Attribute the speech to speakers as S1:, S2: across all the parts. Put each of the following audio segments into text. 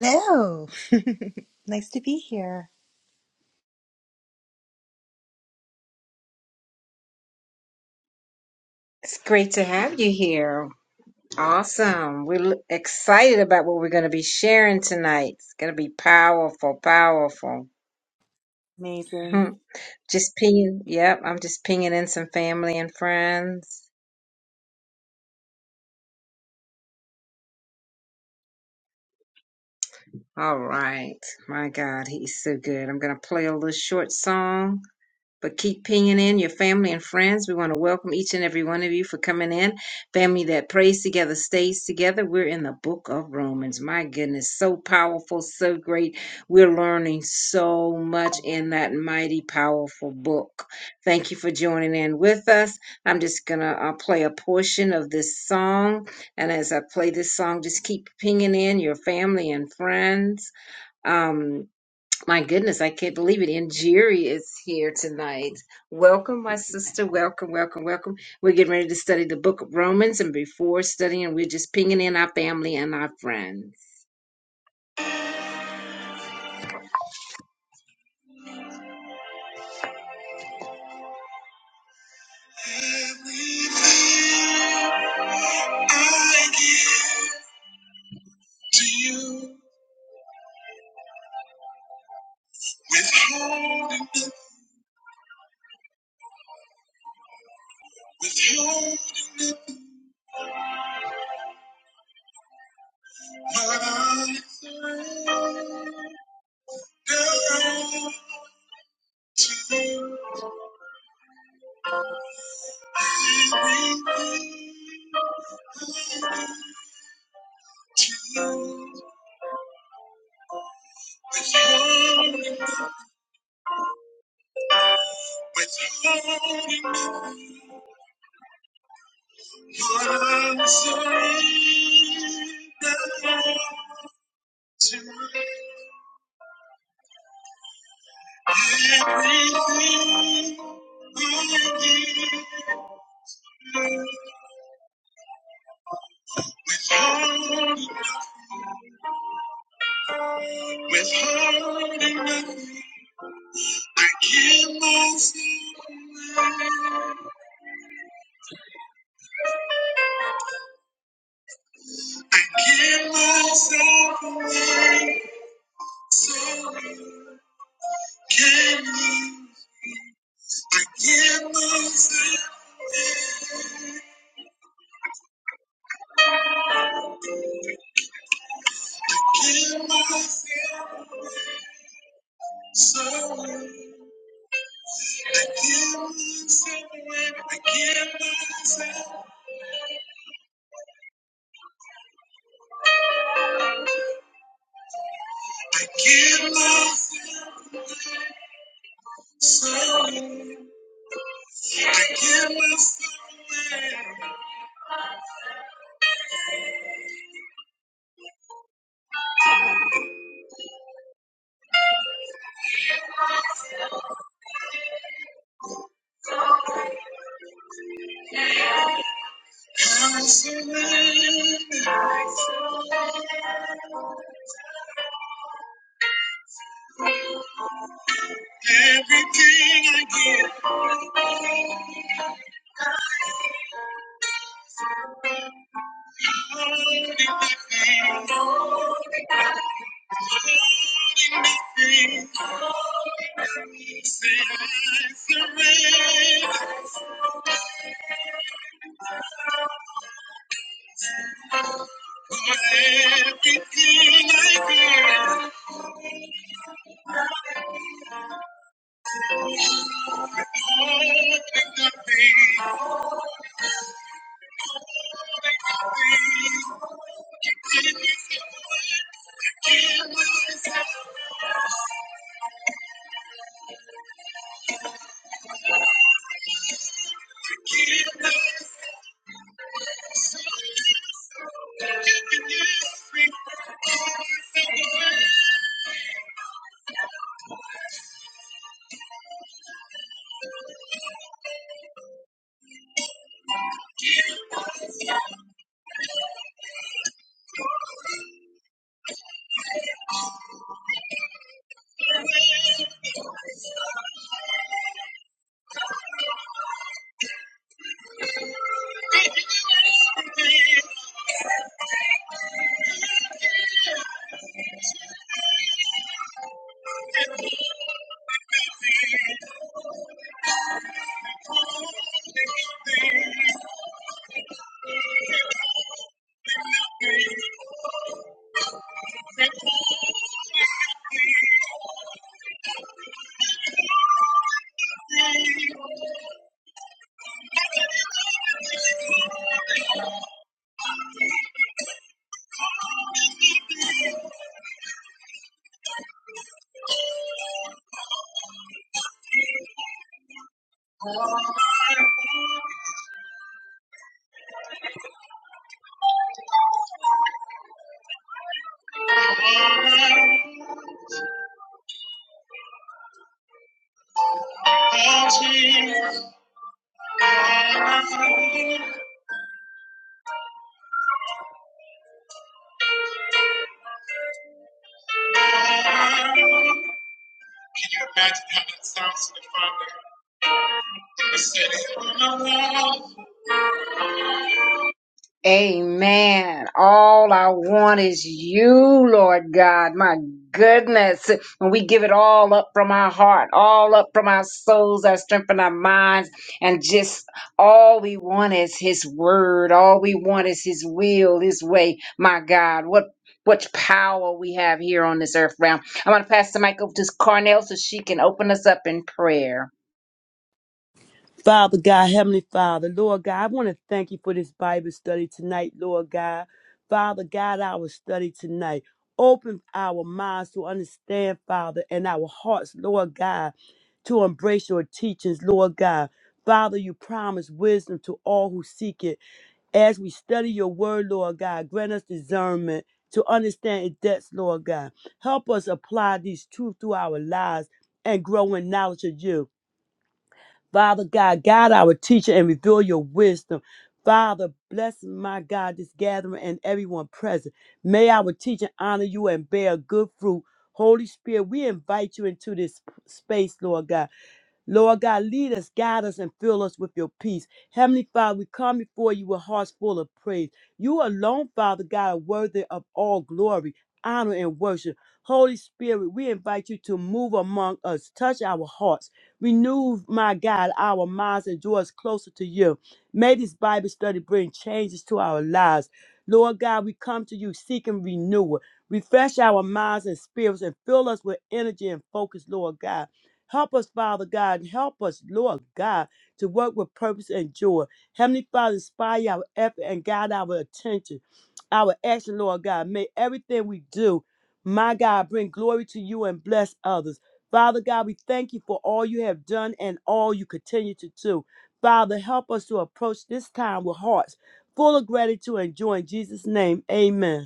S1: Hello, nice to be here.
S2: It's great to have you here. Awesome. We're l- excited about what we're going to be sharing tonight. It's going to be powerful, powerful.
S1: Amazing.
S2: Hmm. Just pinging. Yep, I'm just pinging in some family and friends. All right. My God, he's so good. I'm going to play a little short song. but keep pinging in your family and friends. We want to welcome each and every one of you for coming in. Family that prays together stays together. We're in the book of Romans. My goodness, so powerful, so great. We're learning so much in that mighty, powerful book. Thank you for joining in with us. I'm just going to uh, play a portion of this song. And as I play this song, just keep pinging in your family and friends. Um. My goodness, I can't believe it. Injiri is here tonight. Welcome, my sister. Welcome, welcome, welcome. We're getting ready to study the book of Romans, and before studying, we're just pinging in our family and our friends. I give my soul. I give my soul. I surrender. Everything I give, everything I give, everything, say I surrender. Everything I give, everything I give, I give myself. Can you imagine how that sounds to the Father? He said, "Who am I? Amen. All I want is you, Lord God. My goodness. And we give it all up from our heart, all up from our souls, our strength and our minds. And just all we want is his word. All we want is his will, his way. My God, what what power we have here on this earth realm. I want to pass the mic over to Carnell so she can open us up in prayer.
S3: Father God, Heavenly Father, Lord God, I want to thank you for this Bible study tonight, Lord God. Father God, our study tonight. Open our minds to understand, Father, and our hearts, Lord God, to embrace your teachings, Lord God. Father, you promise wisdom to all who seek it. As we study your word, Lord God, grant us discernment to understand its depths, Lord God. Help us apply these truths to our lives and grow in knowledge of you. Father God, guide our teacher and reveal your wisdom. Father, bless my God, this gathering and everyone present. May our teacher honor you and bear good fruit. Holy Spirit, we invite you into this space, Lord God. Lord God, lead us, guide us, and fill us with your peace. Heavenly Father, we come before you with hearts full of praise. You alone, Father God, are worthy of all glory, honor, and worship. Holy Spirit, we invite you to move among us, touch our hearts, renew, my God, our minds, and draw us closer to you. May this Bible study bring changes to our lives. Lord God, we come to you seeking renewal. Refresh our minds and spirits and fill us with energy and focus, Lord God. Help us, Father God. and Help us, Lord God, to work with purpose and joy. Heavenly Father, inspire our effort and guide our attention, our action, Lord God. May everything we do, my God, bring glory to you and bless others. Father God, we thank you for all you have done and all you continue to do. Father, help us to approach this time with hearts full of gratitude and joy. In Jesus' name, amen.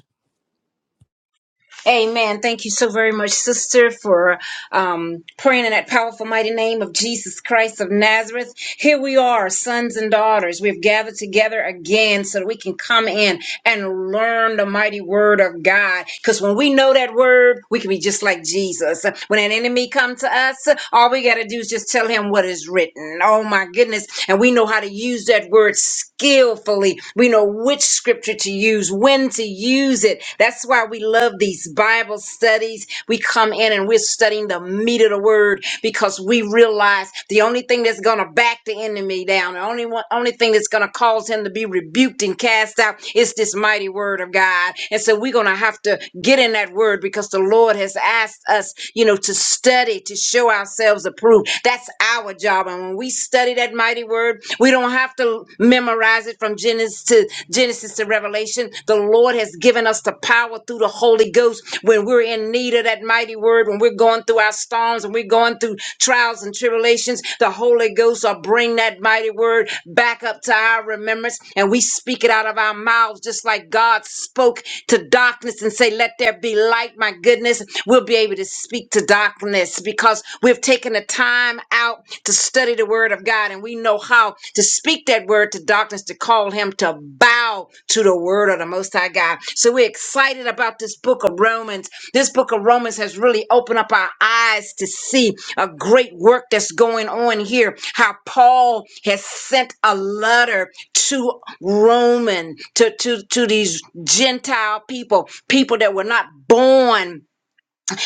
S2: Amen. Thank you so very much, sister, for um, praying in that powerful, mighty name of Jesus Christ of Nazareth. Here we are, sons and daughters. We've gathered together again so that we can come in and learn the mighty word of God. Because when we know that word, we can be just like Jesus. When an enemy comes to us, all we got to do is just tell him what is written. Oh my goodness. And we know how to use that word skillfully. We know which scripture to use, when to use it. That's why we love these Bible studies. We come in and we're studying the meat of the word because we realize lies, the only thing that's going to back the enemy down, the only one, only thing that's going to cause him to be rebuked and cast out is this mighty word of God. And so we're going to have to get in that word because the Lord has asked us, you know, to study, to show ourselves approved. That's our job. And when we study that mighty word, we don't have to memorize it from Genesis to Genesis to Revelation. The Lord has given us the power power through the Holy Ghost when we're in need of that mighty word, when we're going through our storms and we're going through trials and tribulations. The Holy Ghost will bring that mighty word back up to our remembrance and we speak it out of our mouths just like God spoke to darkness and say, Let there be light. My goodness, we'll be able to speak to darkness because we've taken the time out to study the word of God and we know didn't know how to speak that word to darkness, to call him to bow to the word of the Most High God. So we're excited about this book of Romans. This book of Romans has really opened up our eyes to see a great work that's going on here. How Paul has sent a letter to Roman, to, to, to these Gentile people, people that were not born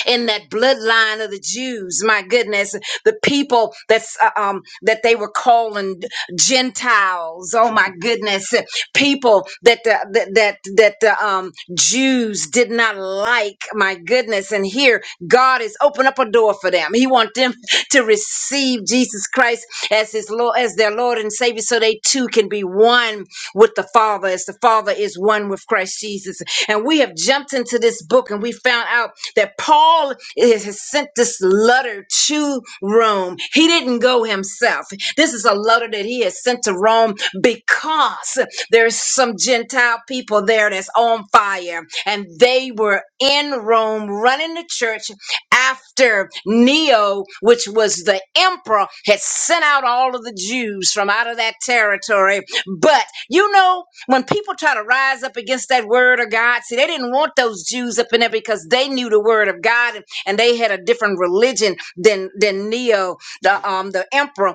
S2: in that bloodline of the Jews. My goodness, the people that's uh, um that they were calling Gentiles. Oh my goodness, people that the, that that that the um Jews did not like. My goodness, and here God has opened up a door for them. He wants them to receive Jesus Christ as his Lord as their Lord and Savior, so they too can be one with the Father as the Father is one with Christ Jesus. And we have jumped into this book and we found out that Paul is, has sent this letter to Rome. He didn't go himself. This is a letter that he has sent to Rome because there's some Gentile people there that's on fire. And they were in Rome running the church after Neo, which was the emperor, had sent out all of the Jews from out of that territory but you know, when people try to rise up against that word of God, see, they didn't want those Jews up in there because they knew the word of God and, and they had a different religion than than Neo, the um the emperor.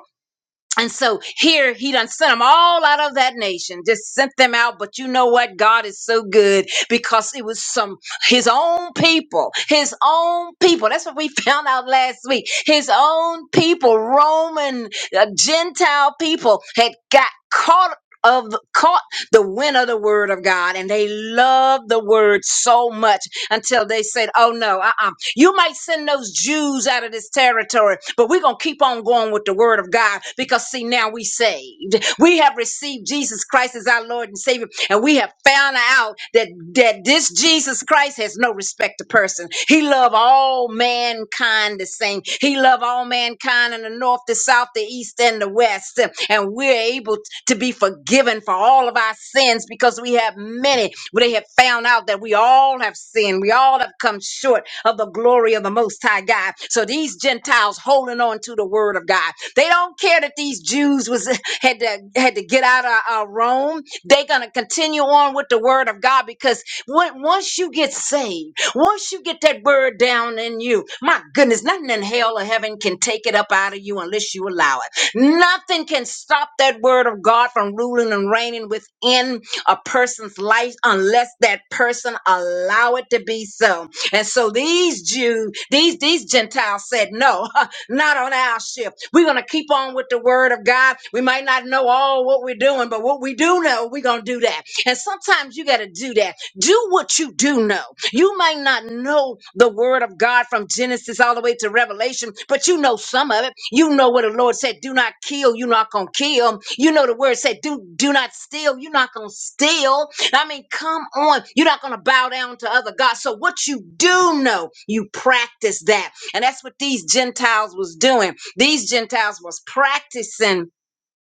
S2: And so here he done sent them all out of that nation, just sent them out. But you know what? God is so good because it was some his own people, his own people. That's what we found out last week. His own people, Roman uh, Gentile people, had got caught of caught the wind of the word of God, and they loved the word so much until they said, "Oh no, uh-uh. You might send those Jews out of this territory, but we're going to keep on going with the word of God because, see, now we saved. We have received Jesus Christ as our Lord and Savior, and we have found out that, that this Jesus Christ has no respect to person. He loved all mankind the same. He loved all mankind in the north, the south, the east, and the west. And we're able to be forgiven for all of our sins because we have many. They have found out that we all have sinned. We all have come short of the glory of the Most High God. So these Gentiles holding on to the word of God. They don't care that these Jews was had to had to get out of uh, Rome. They're gonna continue on with the word of God because when, once you get saved, once you get that word down in you, my goodness, nothing in hell or heaven can take it up out of you unless you allow it. Nothing can stop that word of God from ruling and reigning within a person's life unless that person allow it to be so. And so these Jews, these these Gentiles said, "No, not on our ship. We're gonna keep on with the word of God. We might not know all what we're doing, but what we do know, we're gonna do that. And sometimes you gotta do that. Do what you do know. You might not know the word of God from Genesis all the way to Revelation, but you know some of it. You know what the Lord said, do not kill, you're not gonna kill. You know the word said, do do not steal, you're not gonna steal. I mean, come on. You're not going to bow down to other gods. So what you do know, you practice that. And that's what these Gentiles was doing. These Gentiles was practicing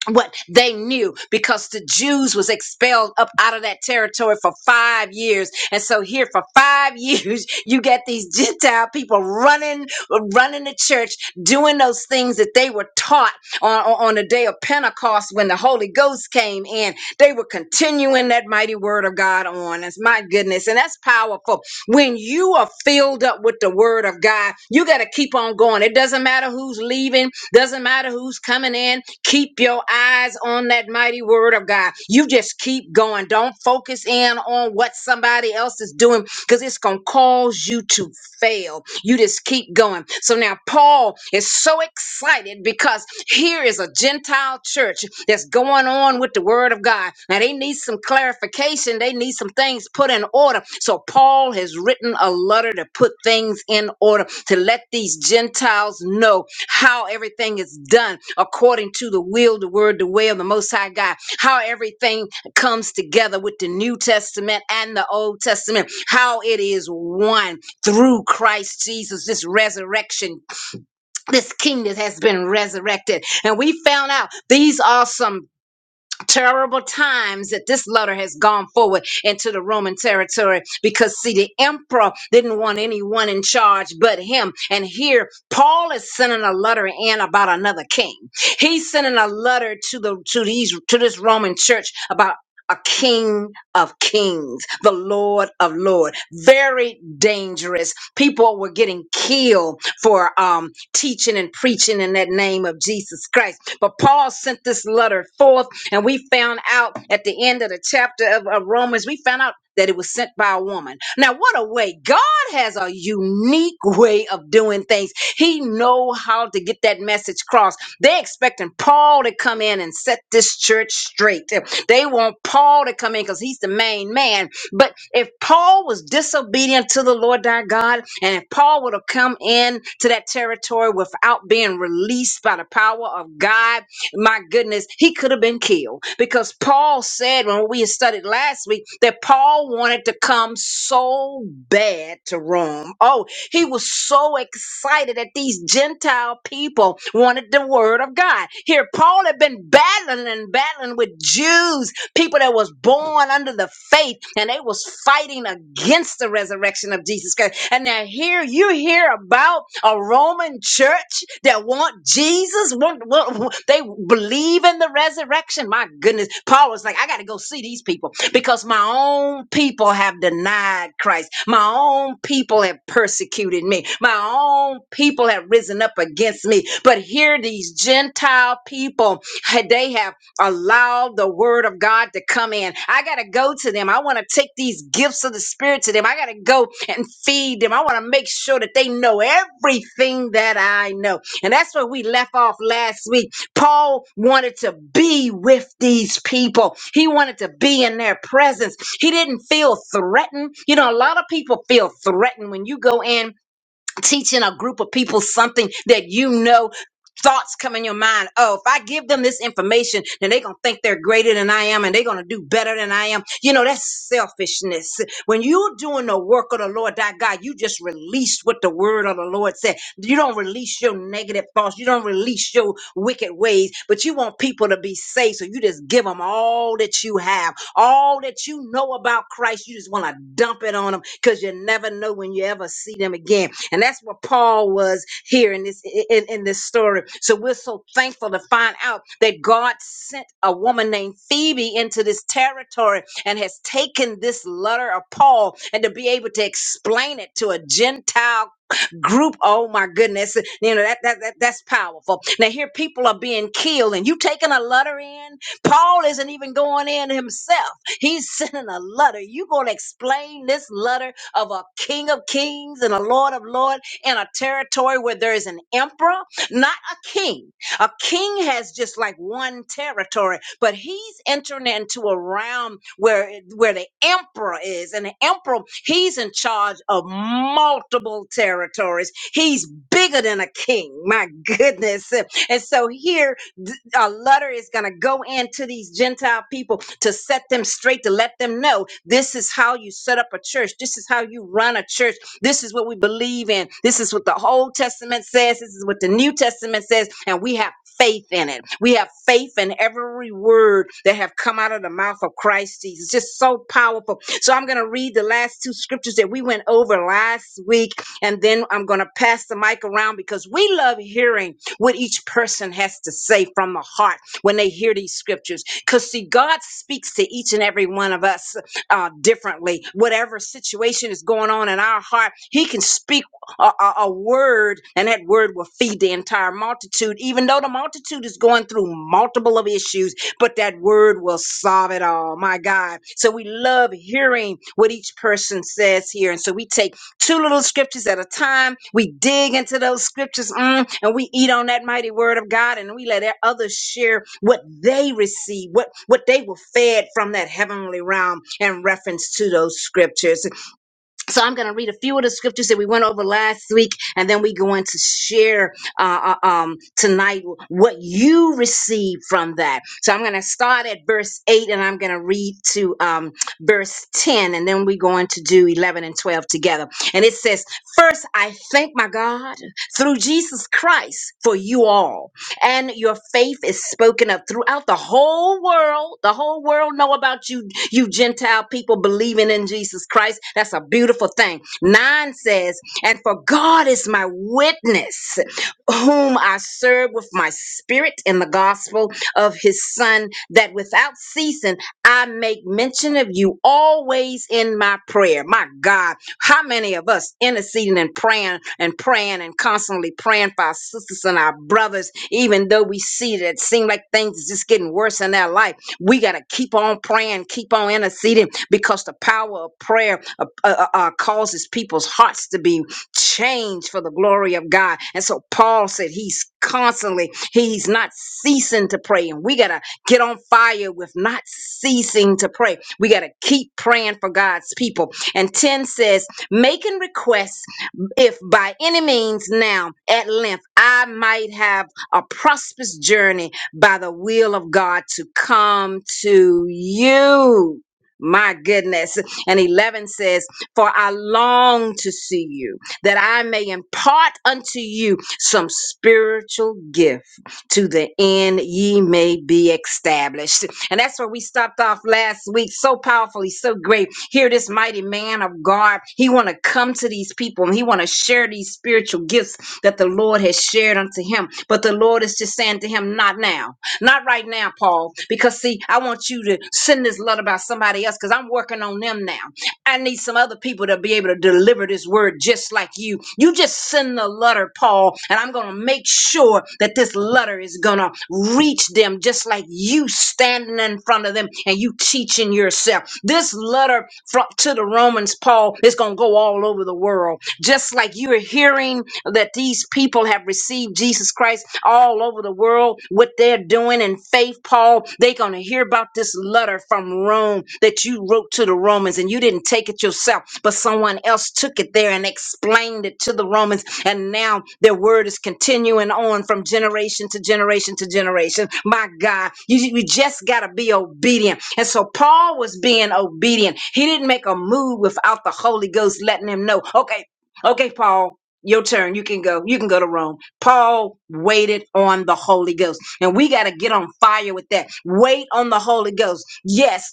S2: what they knew because the Jews was expelled up out of that territory for 5 years and so here for 5 years you get these gentile people running running the church doing those things that they were taught on, on on the day of Pentecost when the Holy Ghost came in they were continuing that mighty word of God on us my goodness and that's powerful when you are filled up with the word of God, you got to keep on going. It doesn't matter who's leaving, doesn't matter who's coming in. Keep your eyes on that mighty word of God. You just keep going. Don't focus in on what somebody else is doing because it's going to cause you to fail. You just keep going. So now Paul is so excited because here is a Gentile church that's going on with the word of God. Now they need some clarification, they need some things put in order. So Paul has written a letter to put things in order to let these Gentiles know how everything is done according to the will, the word, the way of the Most High God, how everything comes together with the New Testament and the Old Testament, how it is one through Christ Jesus, this resurrection, this kingdom has been resurrected. And we found out these are some terrible times that this letter has gone forward into the Roman territory because, see, the emperor didn't want anyone in charge but him. And here, Paul is sending a letter in about another king. He's sending a letter to the to these to this Roman church about a king of kings, the Lord of Lord. Very dangerous. People were getting killed for um, teaching and preaching in that name of Jesus Christ. But Paul sent this letter forth and we found out at the end of the chapter of, of Romans, we found out that it was sent by a woman. Now, what a way. God has a unique way of doing things. He know how to get that message across. They expecting Paul to come in and set this church straight. They want Paul to come in because he's the main man. But if Paul was disobedient to the Lord thy God, and if Paul would have come in to that territory without being released by the power of God, my goodness, he could have been killed because Paul said when we studied last week that Paul wanted to come so bad to Rome. Oh, he was so excited that these Gentile people wanted the word of God. Here, Paul had been battling and battling with Jews people that was born under the faith and they was fighting against the resurrection of Jesus Christ. And now here you hear about a Roman church that want Jesus, want, want- they believe in the resurrection. My goodness, Paul was like, I got to go see these people because my own people have denied Christ. My own people have persecuted me. My own people have risen up against me. But here these Gentile people, they have allow the word of God to come in. I got to go to them. I want to take these gifts of the spirit to them. I got to go and feed them. I want to make sure that they know everything that I know. And that's where we left off last week. Paul wanted to be with these people. He wanted to be in their presence. He didn't feel threatened. You know, a lot of people feel threatened when you go in teaching a group of people something that you know thoughts come in your mind oh if i give them this information then they're gonna think they're greater than i am and they're gonna do better than i am you know that's selfishness when you're doing the work of the lord thy god you just release what the word of the lord said you don't release your negative thoughts you don't release your wicked ways but you want people to be safe so you just give them all that you have all that you know about Christ, you just want to dump it on them because you never know when you ever see them again. And that's what Paul was here in this in, in this story. So we're so thankful to find out that God sent a woman named Phoebe into this territory and has taken this letter of Paul and to be able to explain it to a Gentile group. Oh my goodness. You know, that, that, that that's powerful. Now here people are being killed and you taking a letter in. Paul isn't even going in himself. He's sending a letter. You gonna explain this letter of a king of kings and a lord of lords in a territory where there is an emperor, not a king. A king has just like one territory, but he's entering into a realm where where the emperor is, and the emperor he's in charge of multiple territories. He's bigger than a king. My goodness! And so here Th- A letter is going to go into these Gentile people to set them straight, to let them know this is how you set up a church. This is how you run a church. This is what we believe in. This is what the Old Testament says. This is what the New Testament says. And we have faith in it. We have faith in every word that have come out of the mouth of Christ Jesus. It's just so powerful. So I'm going to read the last two scriptures that we went over last week, and then I'm going to pass the mic around because we love hearing what each person has to say from the heart when they hear these scriptures. Because, see, God speaks to each and every one of us uh, differently. Whatever situation is going on in our heart, He can speak a, a, a word, and that word will feed the entire multitude, even though the multitude is going through multiple of issues, but that word will solve it all. My God. So we love hearing what each person says here. And so we take two little scriptures at a time. We dig into those scriptures mm, and we eat on that mighty word of God and we let our others share what they receive, what, what they were fed from that heavenly realm in reference to those scriptures. So I'm going to read a few of the scriptures that we went over last week, and then we going to share uh, uh, um, tonight what you received from that. So I'm going to start at verse eight, and I'm going to read to um, verse ten, and then we're going to do eleven and twelve together. And it says, "First, I thank my God through Jesus Christ for you all." and your faith is spoken of throughout the whole world. The whole world know about you, you Gentile people believing in Jesus Christ. That's a beautiful thing. Nine says, and for God is my witness, whom I serve with my spirit in the gospel of his son, that without ceasing I make mention of you always in my prayer. My God how many of us interceding and praying and praying and constantly praying for our sisters and our brothers, even though we see that it seems like things is just getting worse in their life? We got to keep on praying, keep on interceding because the power of prayer uh, uh, uh, uh, causes people's hearts to be changed for the glory of God. And so Paul said he's constantly, he's not ceasing to pray. And we got to get on fire with not ceasing to pray. We got to keep praying for God's people. And 10 says, making requests if by any means now at length I might have a prosperous journey by the will of God to come to you. My goodness. And 11 says, For I long to see you, that I may impart unto you some spiritual gift to the end ye may be established. And that's where we stopped off last week. So powerfully, so great. Here, this mighty man of God, he want to come to these people and he want to share these spiritual gifts that the Lord has shared unto him. But the Lord is just saying to him, not now, not right now, Paul, because see, I want you to send this love about somebody else because I'm working on them now. I need some other people to be able to deliver this word just like you. You just send the letter, Paul, and I'm going to make sure that this letter is going to reach them just like you standing in front of them and you teaching yourself. This letter from, to the Romans, Paul, is going to go all over over the world. Just like you're hearing that these people have received Jesus Christ all over the world, what they're doing in faith, Paul, they're going to hear about this letter from Rome that you wrote to the Romans and you didn't take it yourself, but someone else took it there and explained it to the Romans and now their word is continuing on from generation to generation to generation. My God, you, you just got to be obedient. And so Paul was being obedient. He didn't make a move without the Holy Ghost letting him know, okay, okay, Paul. Your turn. You can go. You can go to Rome. Paul waited on the Holy Ghost. And we got to get on fire with that. Wait on the Holy Ghost. Yes,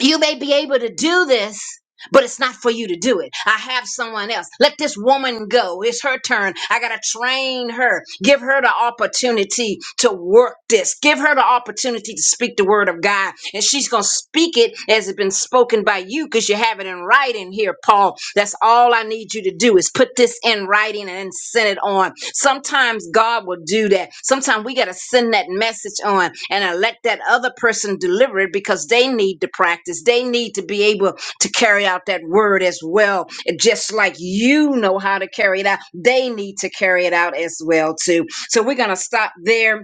S2: you may be able to do this, but it's not for you to do it. I have someone else. Let this woman go. It's her turn. I got to train her. Give her the opportunity to work this. Give her the opportunity to speak the word of God. And she's going to speak it as it's been spoken by you because you have it in writing here, Paul. That's all I need you to do is put this in writing and then send it on. Sometimes God will do that. Sometimes we got to send that message on and uh, let that other person deliver it because they need to practice. They need to be able to carry out that word as well. And just like you know how to carry it out, they need to carry it out as well too. So we're going to stop there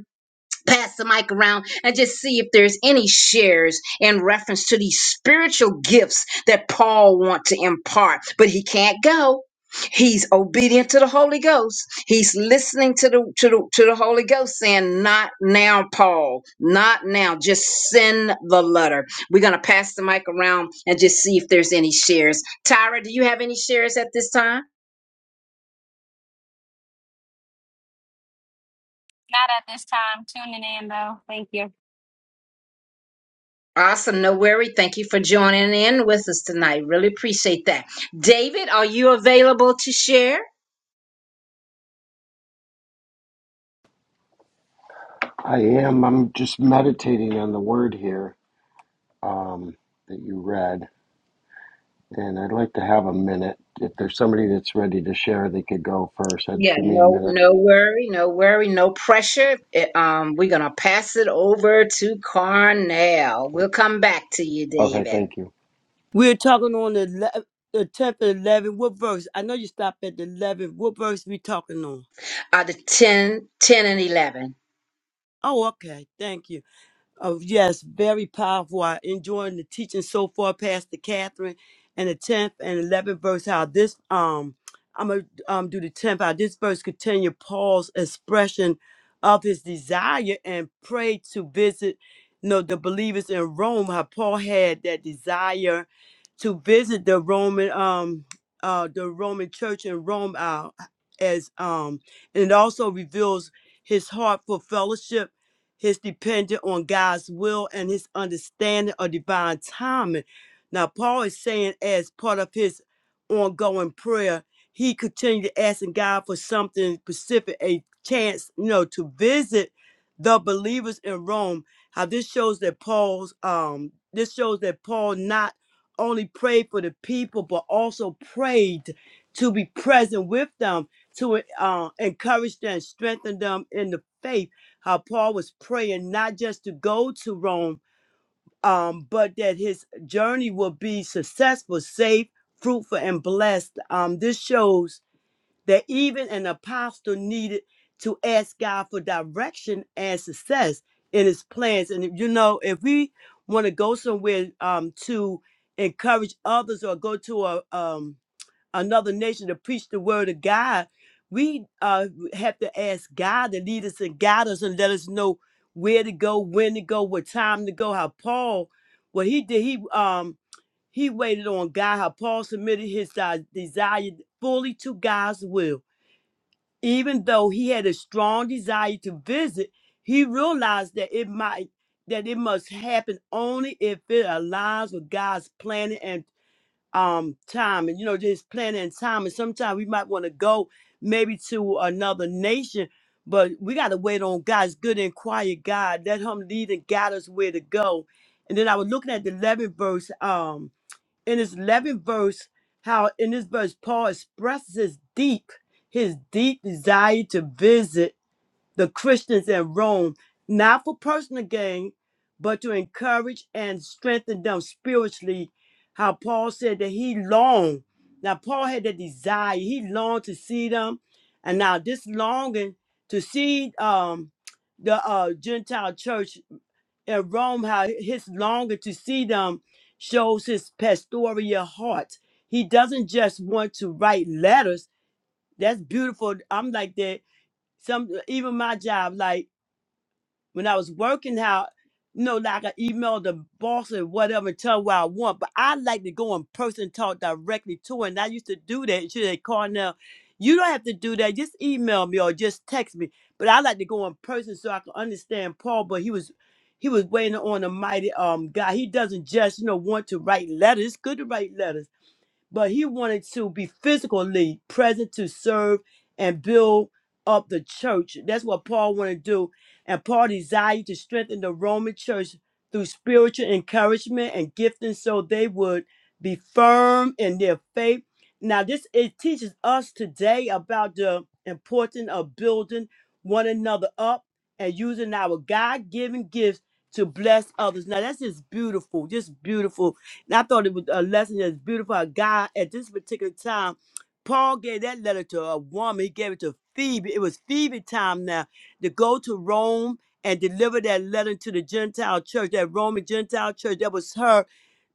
S2: pass the mic around and just see if there's any shares in reference to these spiritual gifts that Paul wants to impart, but he can't go. He's obedient to the Holy Ghost. He's listening to the to the to the Holy Ghost saying, "Not now, Paul. Not now. Just send the letter." We're gonna pass the mic around and just see if there's any shares. Tyra, do you have any shares at this time?
S4: Not at this time. Tuning in though. Thank you.
S2: Awesome. No worry. Thank you for joining in with us tonight. Really appreciate that. David, are you available to share?
S5: I am. I'm just meditating on the word here um, that you read, and I'd like to have a minute. If there's somebody that's ready to share, they could go first. I'd
S2: Yeah,
S5: give me a
S2: no,
S5: minute.
S2: no worry, no worry, no pressure. It- um, we're gonna pass it over to Carnell. We'll come back to you,
S5: Okay,
S2: David.
S5: thank you.
S3: We're talking on the le- the tenth and eleventh. What verse? I know you stopped at the eleventh. What verse we talking on?
S2: Uh, the 10, 10 and eleven.
S3: Oh, okay. Thank you. Oh, yes, very powerful. I enjoying the teaching so far, Pastor Catherine, and the tenth and eleventh verse. How this um, I'm gonna um do the tenth. How this verse continue Paul's expression of his desire and pray to visit, you know, the believers in Rome. How Paul had that desire to visit the Roman um uh the Roman church in Rome uh, as um, and it also reveals his heart for fellowship his dependent on God's will and his understanding of divine timing. Now, Paul is saying, as part of his ongoing prayer, he continued asking God for something specific, a chance, you know, to visit the believers in Rome. How this shows that Paul's um this shows that Paul not only prayed for the people, but also prayed to be present with them, to uh, encourage them, strengthen them in the faith how Paul was praying not just to go to Rome, um, but that his journey will be successful, safe, fruitful, and blessed. Um, this shows that even an apostle needed to ask God for direction and success in his plans. And you know, if we want to go somewhere um, to encourage others or go to a um, another nation to preach the word of God, we uh, have to ask God to lead us and guide us and let us know where to go, when to go, what time to go. How Paul, what he did, he um he waited on God. How Paul submitted his uh, desire fully to God's will, even though he had a strong desire to visit. He realized that it might that it must happen only if it aligns with God's plan and um time and you know just planning and time and sometimes we might want to go maybe to another nation but we got to wait on god's good and quiet god let him lead and guide us where to go and then i was looking at the 11th verse um in this 11th verse how in this verse paul expresses his deep his deep desire to visit the Christians in Rome, not for personal gain, but to encourage and strengthen them spiritually. How Paul said that he longed. Now, Paul had the desire, he longed to see them. And now, this longing to see um, the uh, Gentile church in Rome, how his longing to see them shows his pastoral heart. He doesn't just want to write letters. That's beautiful. I'm like that. Some even my job, like when I was working out, you know, like I email the boss or whatever and tell her what I want. But I like to go in person and talk directly to her. And I used to do that. She said, "Carnell, you don't have to do that. Just email me or just text me. But I like to go in person so I can understand Paul. But he was he was waiting on a mighty um guy. He doesn't just, you know, want to write letters. It's good to write letters but he wanted to be physically present to serve and build up the church. That's what Paul wanted to do. And Paul desired to strengthen the Roman church through spiritual encouragement and gifting so they would be firm in their faith. Now, this it teaches us today about the importance of building one another up and using our God given gifts to bless others. Now, that's just beautiful, just beautiful and I thought it was a lesson that's beautiful. A guy at this particular time, Paul gave that letter to a woman. He gave it to Phoebe. It was Phoebe time now to go to Rome and deliver that letter to the Gentile church, that Roman Gentile church. That was her.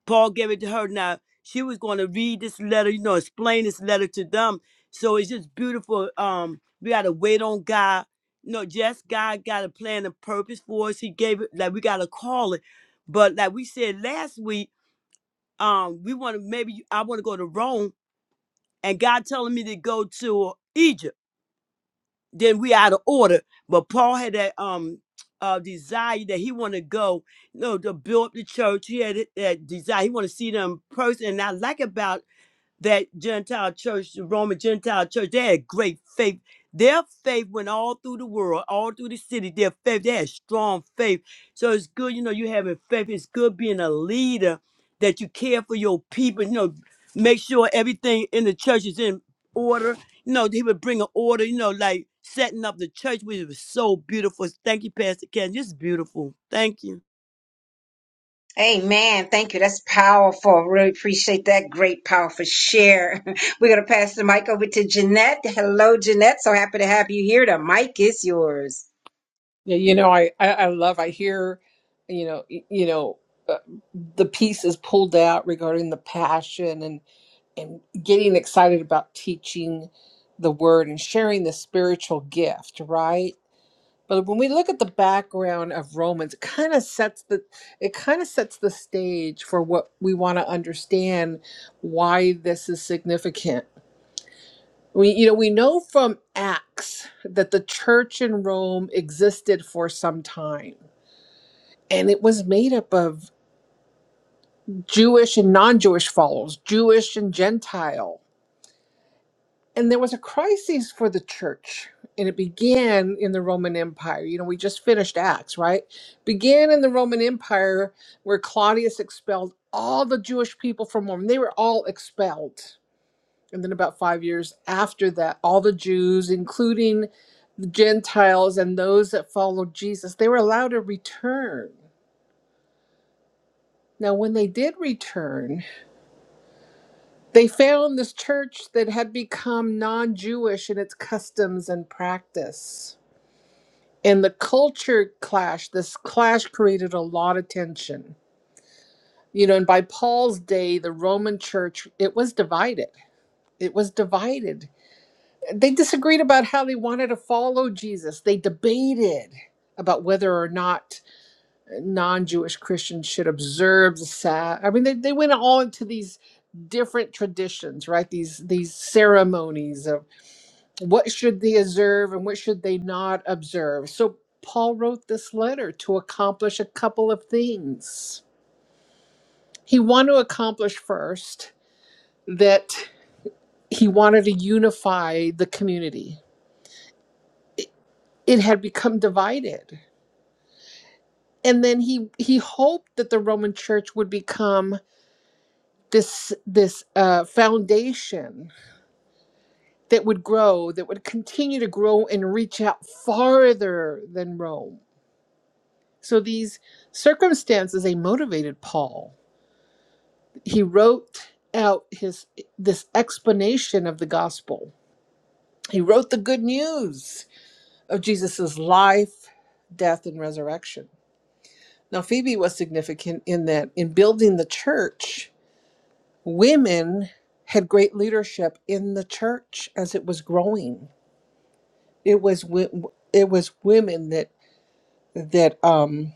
S3: Paul gave it to her. Now she was going to read this letter, you know, explain this letter to them. So it's just beautiful. Um, we gotta wait on God. No, just God got a plan and purpose for us. He gave it like we gotta call it. But like we said last week um, we want to maybe I want to go to Rome, and God telling me to go to Egypt. Then we out of order. But Paul had that um uh desire that he want to go, you know, to build up the church. He had it- that desire. He want to see them in person. And I like about that Gentile church, the Roman Gentile church, they had great faith. Their faith went all through the world, all through the city. Their faith, they had strong faith. So it's good, you know, you having faith. It's good being a leader that you care for your people. You know, make sure everything in the church is in order. You know, he would bring an order. You know, like setting up the church, which was so beautiful. Thank you, Pastor Ken. Just beautiful. Thank you.
S2: Amen. Thank you. That's powerful. Really appreciate that great, powerful share. We're gonna pass the mic over to Jeanette. Hello, Jeanette. So happy to have you here. The mic is yours.
S6: Yeah, you know, I, I, I love, I hear, you know, y- you know, uh, the pieces pulled out regarding the passion and, and getting excited about teaching the word and sharing the spiritual gift, right? But when we look at the background of Romans, it kind of sets the it kind of sets the stage for what we want to understand why this is significant. We you know we know from Acts that the church in Rome existed for some time and it was made up of Jewish and non Jewish followers, Jewish and Gentile. And there was a crisis for the church, and it began in the Roman Empire. You know, we just finished Acts, right? Began in the Roman Empire where Claudius expelled all the Jewish people from Rome. They were all expelled. And then, about five years after that, all the Jews, including the Gentiles and those that followed Jesus, they were allowed to return. Now, when they did return, They found this church that had become non Jewish in its customs and practice. And the culture clash, this clash created a lot of tension. You know, and by Paul's day, the Roman church, it was divided. It was divided. They disagreed about how they wanted to follow Jesus. They debated about whether or not non-Jewish Christians should observe the Sabbath. I mean, they, they went all into these different traditions, right? These these ceremonies of what should they observe and what should they not observe. So Paul wrote this letter to accomplish a couple of things. He wanted to accomplish first that he wanted to unify the community. It it had become divided. And then he he hoped that the Roman church would become this this uh, foundation that would grow, that would continue to grow and reach out farther than Rome So these circumstances they motivated Paul. He wrote out his this explanation of the gospel. He wrote the good news of Jesus' life, death, and resurrection. Now Phoebe was significant in that in building the church, women had great leadership in the church as it was growing. It was wo- it was women that that um,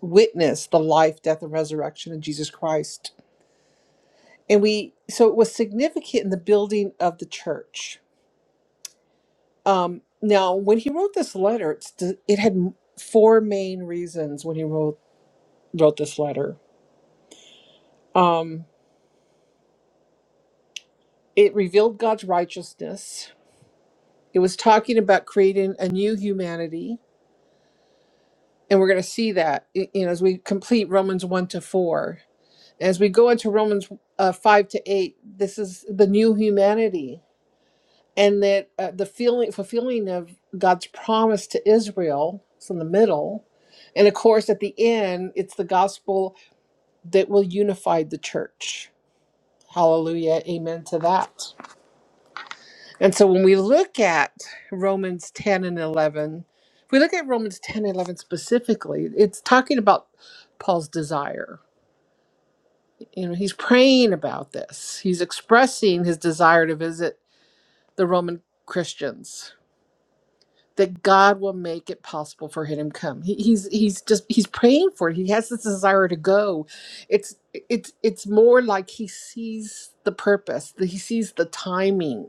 S6: witnessed the life, death, and resurrection of Jesus Christ and we so it was significant in the building of the church um now when he wrote this letter it's it had four main reasons when he wrote wrote this letter um it revealed god's righteousness it was talking about creating a new humanity and we're going to see that y- you know as we complete romans 1 to 4 as we go into romans uh, 5 to 8 this is the new humanity and that uh, the feeling fulfilling of God's promise to Israel is in the middle, and of course at the end it's the gospel that will unify the church. Hallelujah, amen to that. And so when we look at Romans ten and eleven, if we look at Romans 10 and 11 specifically, it's talking about Paul's desire. You know, he's praying about this. He's expressing his desire to visit the Roman Christians that God will make it possible for him to come. He, he's he's just he's praying for it. He has this desire to go. It's it's it's more like he sees the purpose, that he sees the timing.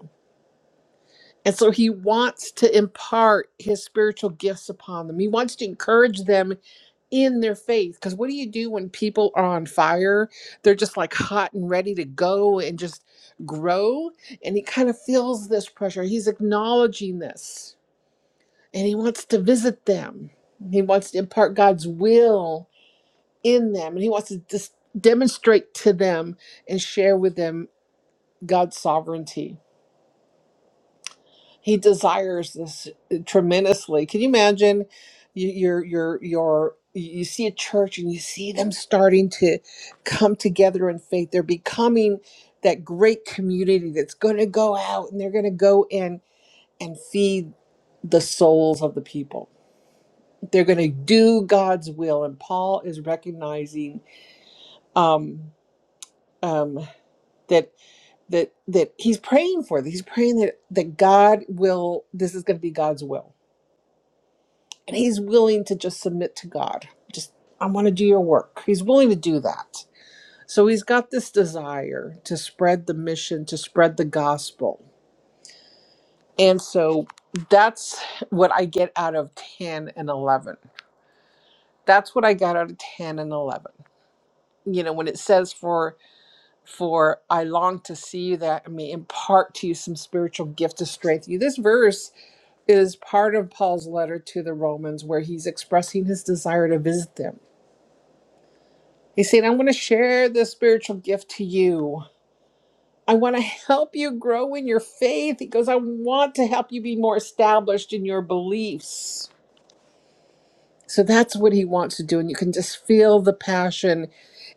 S6: And so he wants to impart his spiritual gifts upon them. He wants to encourage them in their faith. Because what do you do when people are on fire? They're just like hot and ready to go and just grow. And he kind of feels this pressure. He's acknowledging this and he wants to visit them. He wants to impart God's will in them, and he wants to just demonstrate to them and share with them God's sovereignty. He desires this tremendously. Can you imagine? You, you're you're you're you see a church and you see them starting to come together in faith. They're becoming that great community that's going to go out and they're going to go in and feed the souls of the people they're going to do God's will. And Paul is recognizing um, um, that that that he's praying for this. He's praying that that God will. This is going to be God's will, and he's willing to just submit to God. Just I want to do your work. He's willing to do that. So he's got this desire to spread the mission, to spread the gospel, and so that's what I get out of ten and eleven. That's what I got out of ten and eleven. You know, when it says for for I long to see you that I may impart to you some spiritual gift to strengthen you. This verse is part of Paul's letter to the Romans where he's expressing his desire to visit them. He's saying, I'm going to share this spiritual gift to you. I want to help you grow in your faith. He goes, I want to help you be more established in your beliefs. So that's what he wants to do. And you can just feel the passion.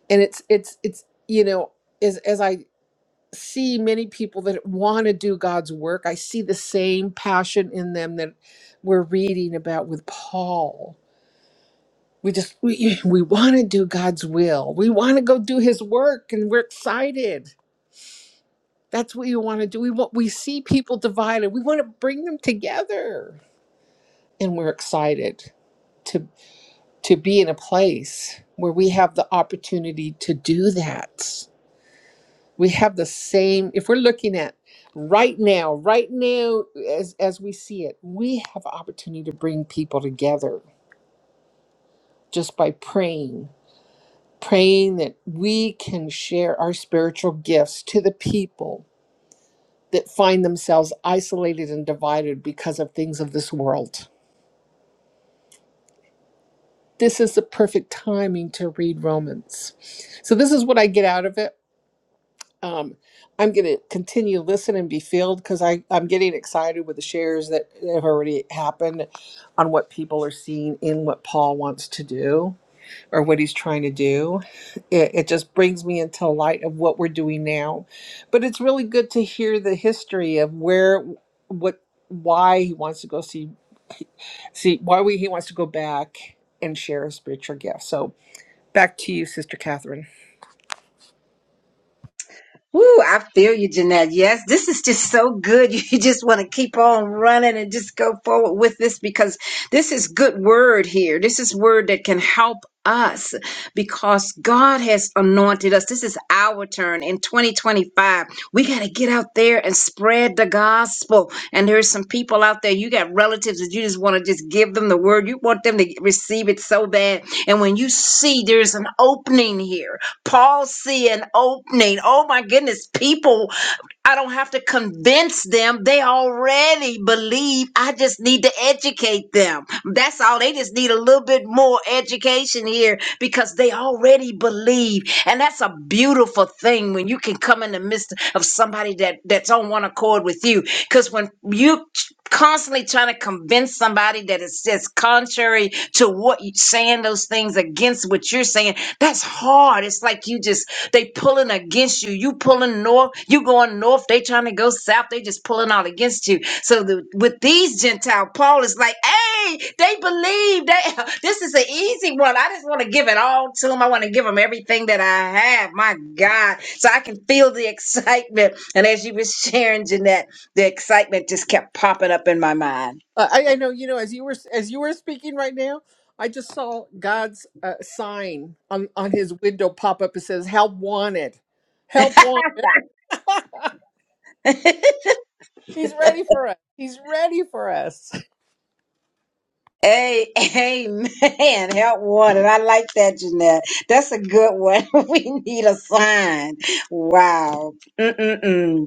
S6: And it's, it's, it's, you know, as, as I see many people that want to do God's work. I see the same passion in them that we're reading about with Paul. We just we, we want to do God's will. We want to go do his work and we're excited. That's what we want to do. We want we see people divided. We want to bring them together and we're excited to to be in a place where we have the opportunity to do that. we have the same if we're looking at right now right now as as we see it we have opportunity to bring people together just by praying praying that we can share our spiritual gifts to the people that find themselves isolated and divided because of things of this world this is the perfect timing to read romans so this is what i get out of it um, I'm going to continue listen and be filled because I I'm getting excited with the shares that have already happened on what people are seeing in what Paul wants to do or what he's trying to do. It, it just brings me into light of what we're doing now, but it's really good to hear the history of where what why he wants to go see see why we, he wants to go back and share his spiritual gifts. So back to you, Sister Catherine.
S2: Woo, I feel you, Jeanette. Yes, this is just so good. You just want to keep on running and just go forward with this because this is good word here. This is word that can help us because God has anointed us. This is our turn in 2025. We got to get out there and spread the gospel. And there's some people out there, you got relatives that you just want to just give them the word. You want them to receive it so bad. And when you see there's an opening here, Paul see an opening. Oh my goodness, people I don't have to convince them. They already believe. I just need to educate them. That's all. They just need a little bit more education here because they already believe. And that's a beautiful thing when you can come in the midst of somebody that that's on one accord with you. Because when you constantly trying to convince somebody that it says contrary to what you're saying those things against what you're saying that's hard it's like you just they pulling against you. You pulling north. You going north. They trying to go south. They just pulling all against you. So the, with these Gentile, Paul is like, hey, they believe. They this is an easy one. I just want to give it all to them. I want to give them everything that I have. My God, so I can feel the excitement. And as you were sharing, Jeanette, the excitement just kept popping up in my mind
S6: Uh, I, I know, you know, as you were as you were speaking right now, I just saw God's uh, sign on on his window pop up. It says, "Help wanted, help wanted." He's ready for us. He's ready for us.
S2: Hey, amen. Help wanted. I like that, Jeanette. That's a good one. we need a sign. Wow. Mm-mm-mm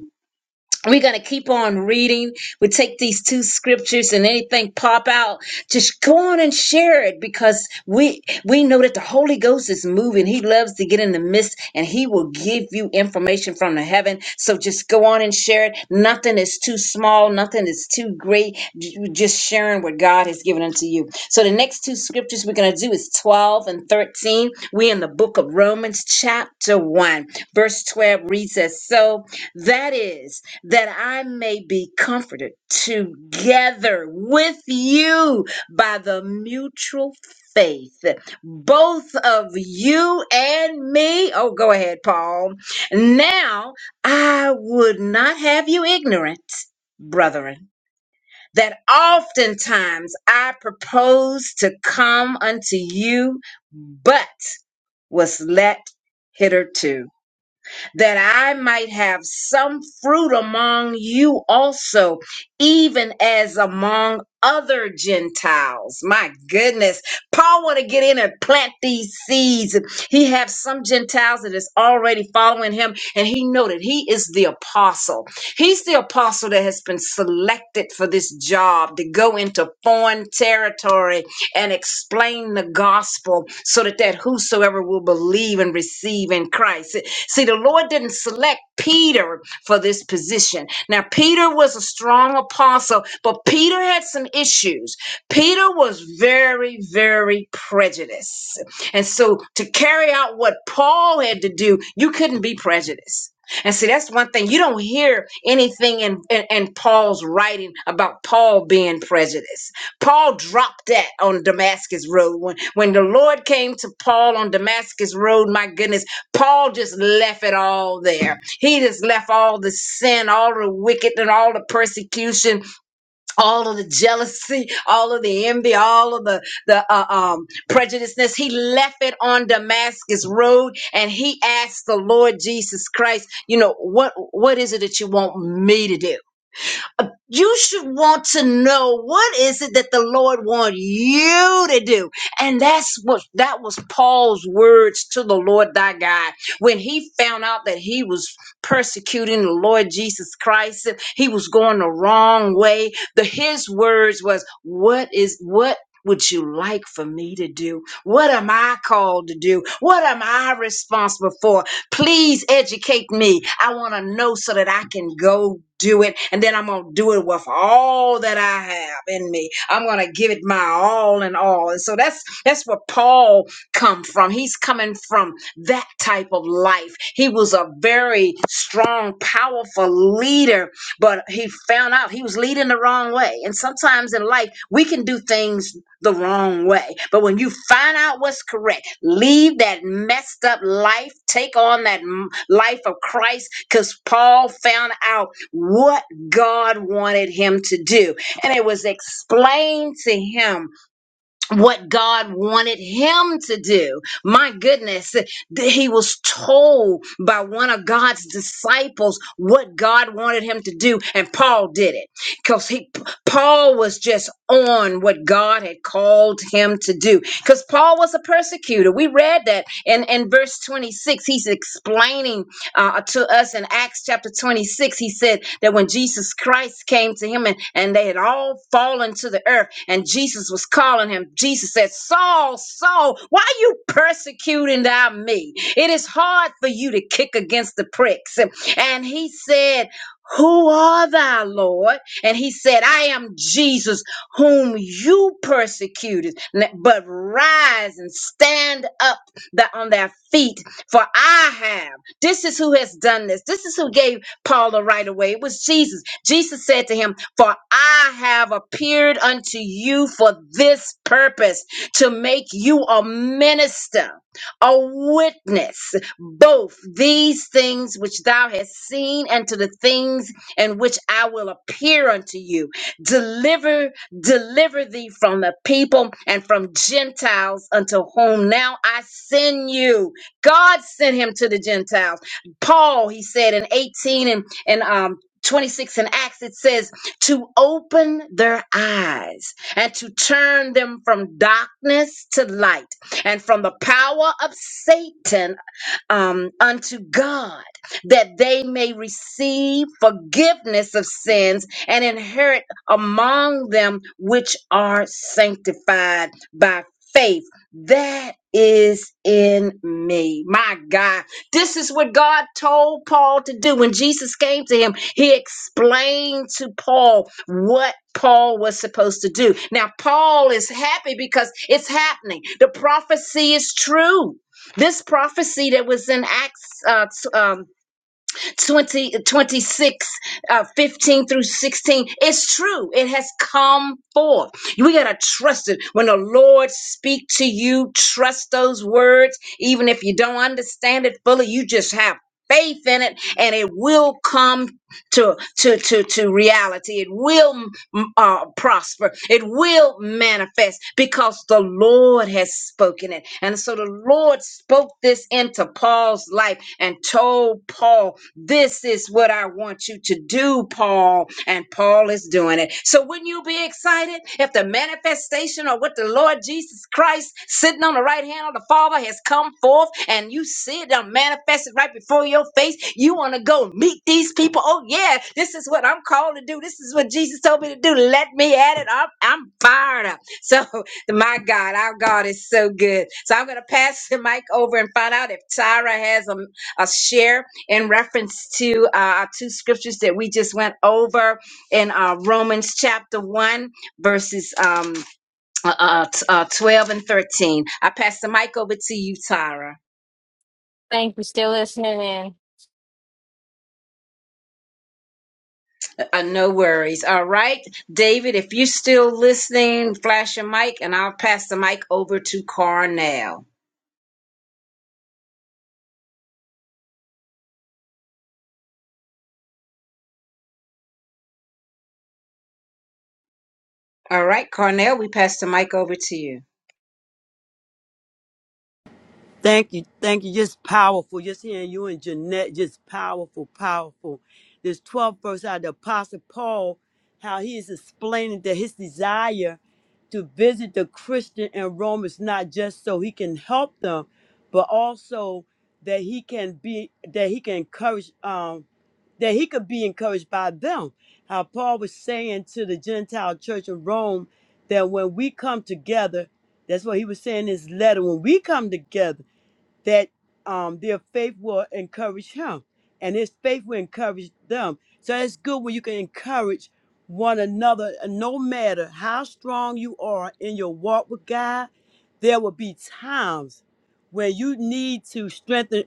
S2: we're going to keep on reading we take these two scriptures and anything pop out just go on and share it because we we know that the holy ghost is moving he loves to get in the midst and he will give you information from the heaven so just go on and share it nothing is too small nothing is too great J- just sharing what god has given unto you so the next two scriptures we're going to do is 12 and 13 we're in the book of romans chapter 1 verse 12 reads as so that is that I may be comforted together with you by the mutual faith, both of you and me. Oh, go ahead, Paul. Now, I would not have you ignorant, brethren, that oftentimes I proposed to come unto you, but was let hitherto that I might have some fruit among you also, even as among other Gentiles. My goodness. Paul want to get in and plant these seeds. He have some Gentiles that is already following him and he know that he is the apostle. He's the apostle that has been selected for this job to go into foreign territory and explain the gospel so that that whosoever will believe and receive in Christ. See, the Lord didn't select Peter for this position. Now, Peter was a strong apostle, but Peter had some issues. Peter was very, very prejudiced. And so, to carry out what Paul had to do, you couldn't be prejudiced. And see, that's one thing. You don't hear anything in, in, in Paul's writing about Paul being prejudiced. Paul dropped that on Damascus Road. When, when the Lord came to Paul on Damascus Road, my goodness, Paul just left it all there. He just left all the sin, all the wicked, and all the persecution, all of the jealousy, all of the envy, all of the, the uh, um, prejudiceness. He left it on Damascus Road and he asked the Lord Jesus Christ, you know, what, what is it that you want me to do? Uh, you should want to know what is it that the lord want you to do and that's what that was paul's words to the lord thy god when he found out that he was persecuting the lord jesus christ and he was going the wrong way the his words was what is what would you like for me to do? What am I called to do? What am I responsible for? Please educate me. I want to know so that I can go do it. And then I'm going to do it with all that I have in me. I'm going to give it my all and all. And so that's, that's where Paul come from. He's coming from that type of life. He was a very strong, powerful leader, but he found out he was leading the wrong way. And sometimes in life, we can do things the wrong way. But when you find out what's correct, leave that messed up life, take on that m- life of Christ, because Paul found out what God wanted him to do. And it was explained to him what God wanted him to do. My goodness, th- he was told by one of God's disciples what God wanted him to do, and Paul did it because he Paul was just on what God had called him to do. Because Paul was a persecutor. We read that in, in verse 26. He's explaining uh, to us in Acts chapter 26. He said that when Jesus Christ came to him and, and they had all fallen to the earth and Jesus was calling him, Jesus said, Saul, Saul, why are you persecuting thou me? It is hard for you to kick against the pricks. And he said, who are thou, Lord? And he said, I am Jesus whom you persecuted. N- But rise and stand up tha- on thy feet, for I have. This is who has done this. This is who gave Paul the right of way. It was Jesus. Jesus said to him, For I have appeared unto you for this purpose, to make you a minister, a witness, both these things which thou hast seen and to the things in which I will appear unto you. Deliver, deliver thee from the people and from Gentiles unto whom now I send you God sent him to the Gentiles. Paul, he said in 18 and, and um, 26 in Acts, it says, to open their eyes and to turn them from darkness to light and from the power of Satan um, unto God, that they may receive forgiveness of sins and inherit among them which are sanctified by faith that is in me. My God. This is what God told Paul to do. When Jesus came to him, he explained to Paul what Paul was supposed to do. Now, Paul is happy because it's happening. The prophecy is true. This prophecy that was in Acts uh, t- um, 20, twenty-six, uh, 15 through 16. It's true. It has come forth. We got to trust it. When the Lord speak to you, trust those words. Even if you don't understand it fully, you just have faith in it and it will come to to to to reality. It will mm, uh, prosper. It will manifest because the Lord has spoken it. And so the Lord spoke this into Paul's life and told Paul, "This is what I want you to do, Paul." And Paul is doing it planet. So wouldn't you be excited if the manifestation of what the Lord Jesus Christ sitting on the right hand of the Father has come forth and you see it done manifested right before your face? You want to go meet these people? Oh yeah, this is what I'm called to do. This is what Jesus told me to do. Let me at it. I'm, I'm fired up. So my God, our God is so good. So I'm going to pass the mic over and find out if Tyra has a, a share in reference to uh, our two scriptures that we just went over in uh, Romans chapter 1, verses um, uh, uh, t- uh, 12 and 13. I pass the mic over to you, Tyra.
S4: Thank you. Still listening in.
S2: Uh, uh, no worries. All right, David, if you're still listening, flash your mic, and I'll pass the mic over to Carnell. All right, Carnell, we pass the mic over to you.
S3: Thank you. Thank you. Just powerful. Just hearing you and Jeanette, just powerful, powerful. This 12th verse out of the Apostle Paul, how he is explaining that his desire to visit the Christian in Rome is not just so he can help them, but also that he can be that he can encourage um that he could be encouraged by them. How Paul was saying to the Gentile church in Rome that when we come together, that's what he was saying in his letter, when we come together that um, their faith will encourage him and his faith will encourage them. So it's good when you can encourage one another, and no matter how strong you are in your walk with God, there will be times when you need to strengthen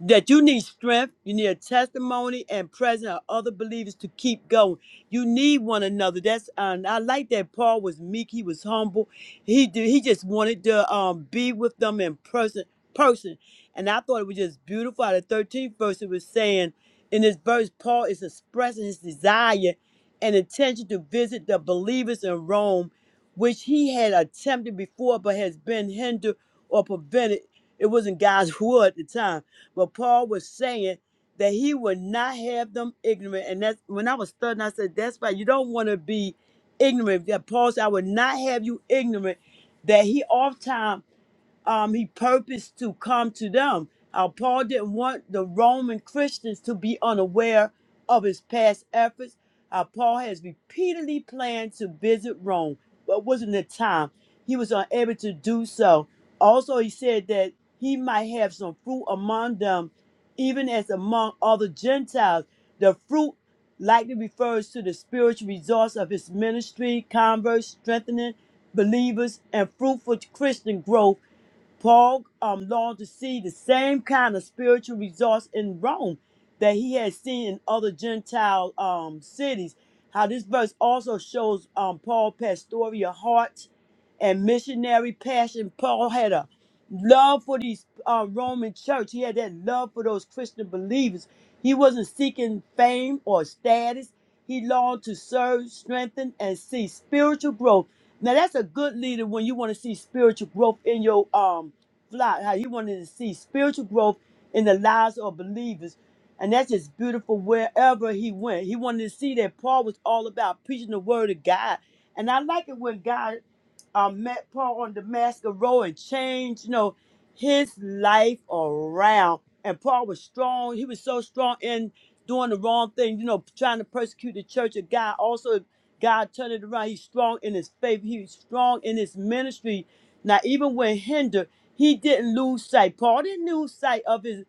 S3: that you need strength, you need a testimony and presence of other believers to keep going. You need one another. That's and I like that Paul was meek, he was humble. He did, he just wanted to um, be with them in person person. And I thought it was just beautiful. Out of the 13th verse, it was saying, in this verse, Paul is expressing his desire and intention to visit the believers in Rome, which he had attempted before but has been hindered or prevented. It wasn't God's will at the time. But Paul was saying that he would not have them ignorant. And that's when I was studying, I said, that's right. You don't want to be ignorant. That Paul said, I would not have you ignorant. That he oftentimes um, he purposed to come to them. Uh, Paul didn't want the Roman Christians to be unaware of his past efforts. Uh, Paul has repeatedly planned to visit Rome, but wasn't the time. He was unable to do so. Also, he said that he might have some fruit among them, even as among other Gentiles. The fruit likely refers to the spiritual results of his ministry, converts, strengthening believers, and fruitful Christian growth Paul um, longed to see the same kind of spiritual results in Rome that he had seen in other Gentile um, cities. How this verse also shows um, Paul pastoral heart and missionary passion. Paul had a love for these uh, Roman church. He had that love for those Christian believers. He wasn't seeking fame or status. He longed to serve, strengthen, and see spiritual growth now that's a good leader when you want to see spiritual growth in your um flock. How you wanted to see spiritual growth in the lives of believers, and that's just beautiful. Wherever he went, he wanted to see that Paul was all about preaching the word of God. And I like it when God um, met Paul on Damascus Road and changed, you know, his life around. And Paul was strong. He was so strong in doing the wrong thing, you know, trying to persecute the church of God. Also God turned it around. He's strong in his faith. He's strong in his ministry. Now, even when hindered, he didn't lose sight. Paul didn't lose sight of his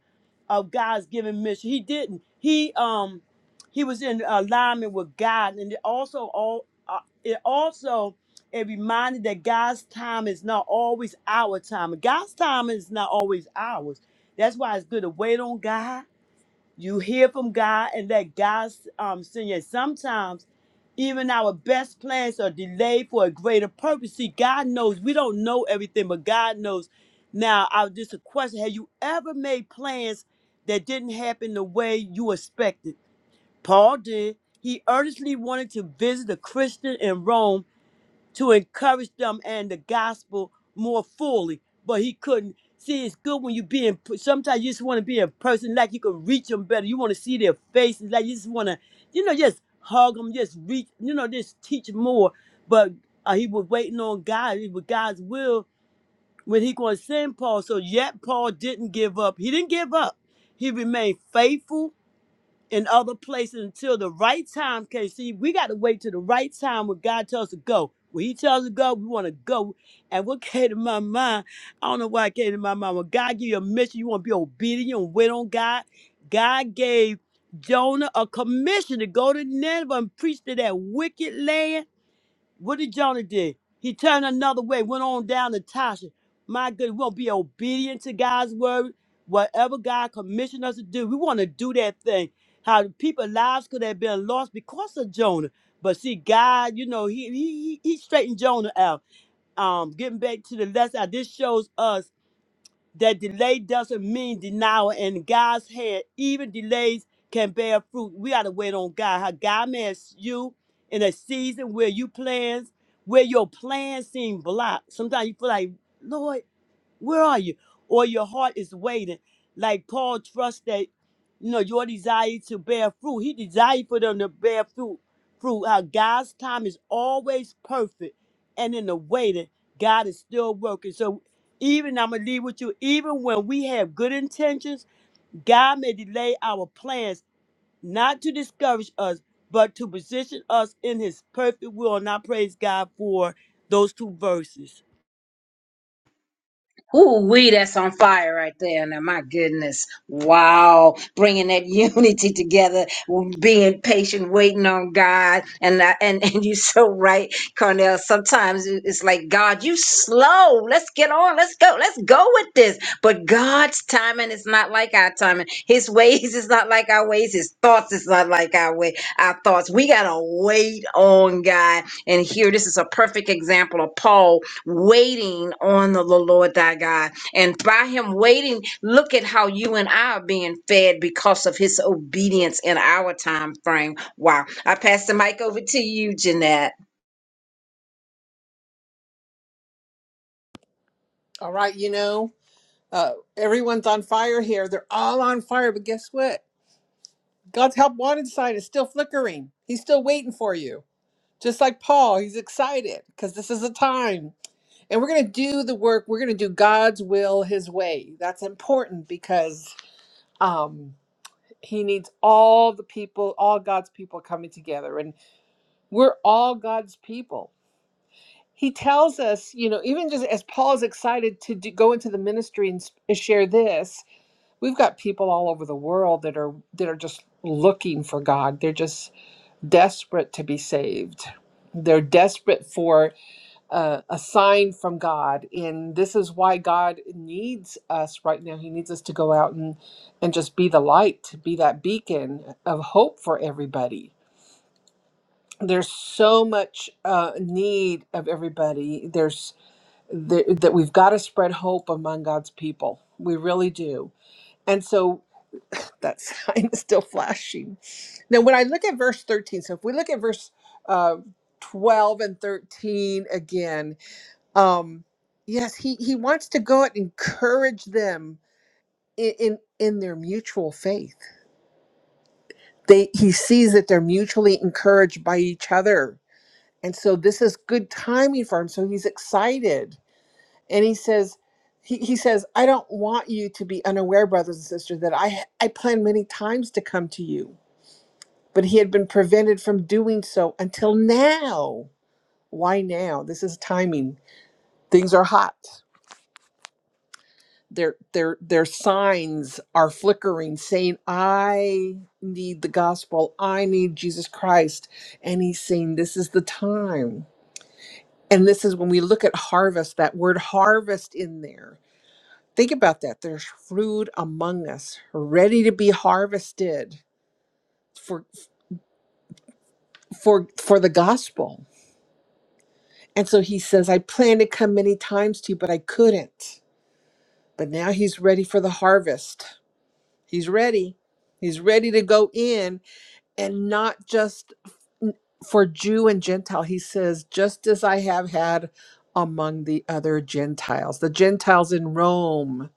S3: of God's given mission. He didn't. He um he was in alignment with God, and it also all uh, it also it reminded that God's time is not always our time. God's time is not always ours. That's why it's good to wait on God you hear from God and let God um, send you. Sometimes even our best plans are delayed for a greater purpose. See, God knows we don't know everything, but God knows. Now, I just a question: Have you ever made plans that didn't happen the way you expected? Paul did. He earnestly wanted to visit a Christian in Rome to encourage them and the gospel more fully, but he couldn't. See, it's good when you be in. Sometimes you just want to be in person, like you can reach them better. You want to see their faces, like you just want to, you know, just hug them, just reach, you know, just teach more. But uh, he was waiting on God. It was God's will when he going to send Paul. So yet Paul didn't give up. He didn't give up. He remained faithful in other places until the right time. Okay, see, we got to wait till the right time when God tells us to go. When He tells us to go, we want to go. And what came to my mind, I don't know why it came to my mind. When God give you a mission, you want to be obedient and wait on God. God gave Jonah a commission to go to Nineveh and preach to that wicked land what did Jonah did? He turned another way, went on down to Tasha. My good, we want to be obedient to God's word. Whatever God commissioned us to do, we want to do that thing. How the people's lives could have been lost because of Jonah. But see, God, you know, he he he he straightened Jonah out. Um, getting back to the lesson, this shows us that delay doesn't mean denial in God's hand. Even delays can bear fruit. We gotta wait on God. How God mess you in a season where you plans, where your plans seem blocked. Sometimes you feel like, Lord. Where are you? Or your heart is waiting. Like Paul trusts that, you know, your desire to bear fruit. He desired for them to bear fruit. Fruit. How God's time is always perfect. And in the waiting, God is still working. So even I'm gonna leave with you, even when we have good intentions, God may delay our plans, not to discourage us, but to position us in his perfect will. And I praise God for those two verses.
S2: Ooh, we that's on fire right there. Now, my goodness. Wow. Bringing that unity together, being patient, waiting on God. And, I, and, and you're so right, Cornell. Sometimes it- it's like, God, you slow. Let's get on. Let's go. Let's go with this. But God's timing is not like our timing. His ways is not like our ways. His thoughts is not like our way, our thoughts. We got to wait on God. And here, this is a perfect example of Paul waiting on the Lord thy God. And by him waiting, look at how you and I are being fed because of his obedience in our time frame. Wow. I pass the mic over to you, Jeanette.
S6: All right, you know, uh, everyone's on fire here. They're all on fire, but guess what? God's help wanted sign is still flickering. He's still waiting for you. just like Paul, he's excited because this is a time. And we're going to do the work. We're going to do God's will, his way. That's important because um, he needs all the people, all God's people coming together. And we're all God's people. He tells us, you know, even just as Paul's excited to do, go into the ministry and s- and share this, we've got people all over the world that are that are just looking for God. They're just desperate to be saved. They're desperate for a, a sign from God. And this is why God needs us right now. He needs us to go out and, and just be the light, to be that beacon of hope for everybody. There's so much uh, need of everybody. There's th- that we've got to spread hope among God's people. We really do. And so that sign is still flashing. Now, when I look at verse 13, so if we look at verse uh, 12 and 13 again, um yes he he wants to go out and encourage them in in, in their mutual faith they he sees that they're mutually encouraged by each other and so this is good timing for him so he's excited and he says he, he says i don't want you to be unaware brothers and sisters that i i planned many times to come to you but he had been prevented from doing so until now why now this is timing things are hot their their their signs are flickering saying i need the gospel i need jesus christ and he's saying this is the time and this is when we look at harvest that word harvest in there think about that there's fruit among us ready to be harvested for for for the gospel and so he says i planned to come many times to you but i couldn't but now he's ready for the harvest he's ready he's ready to go in and not just for Jew and Gentile. He says, just as I have had among the other Gentiles, the Gentiles in Rome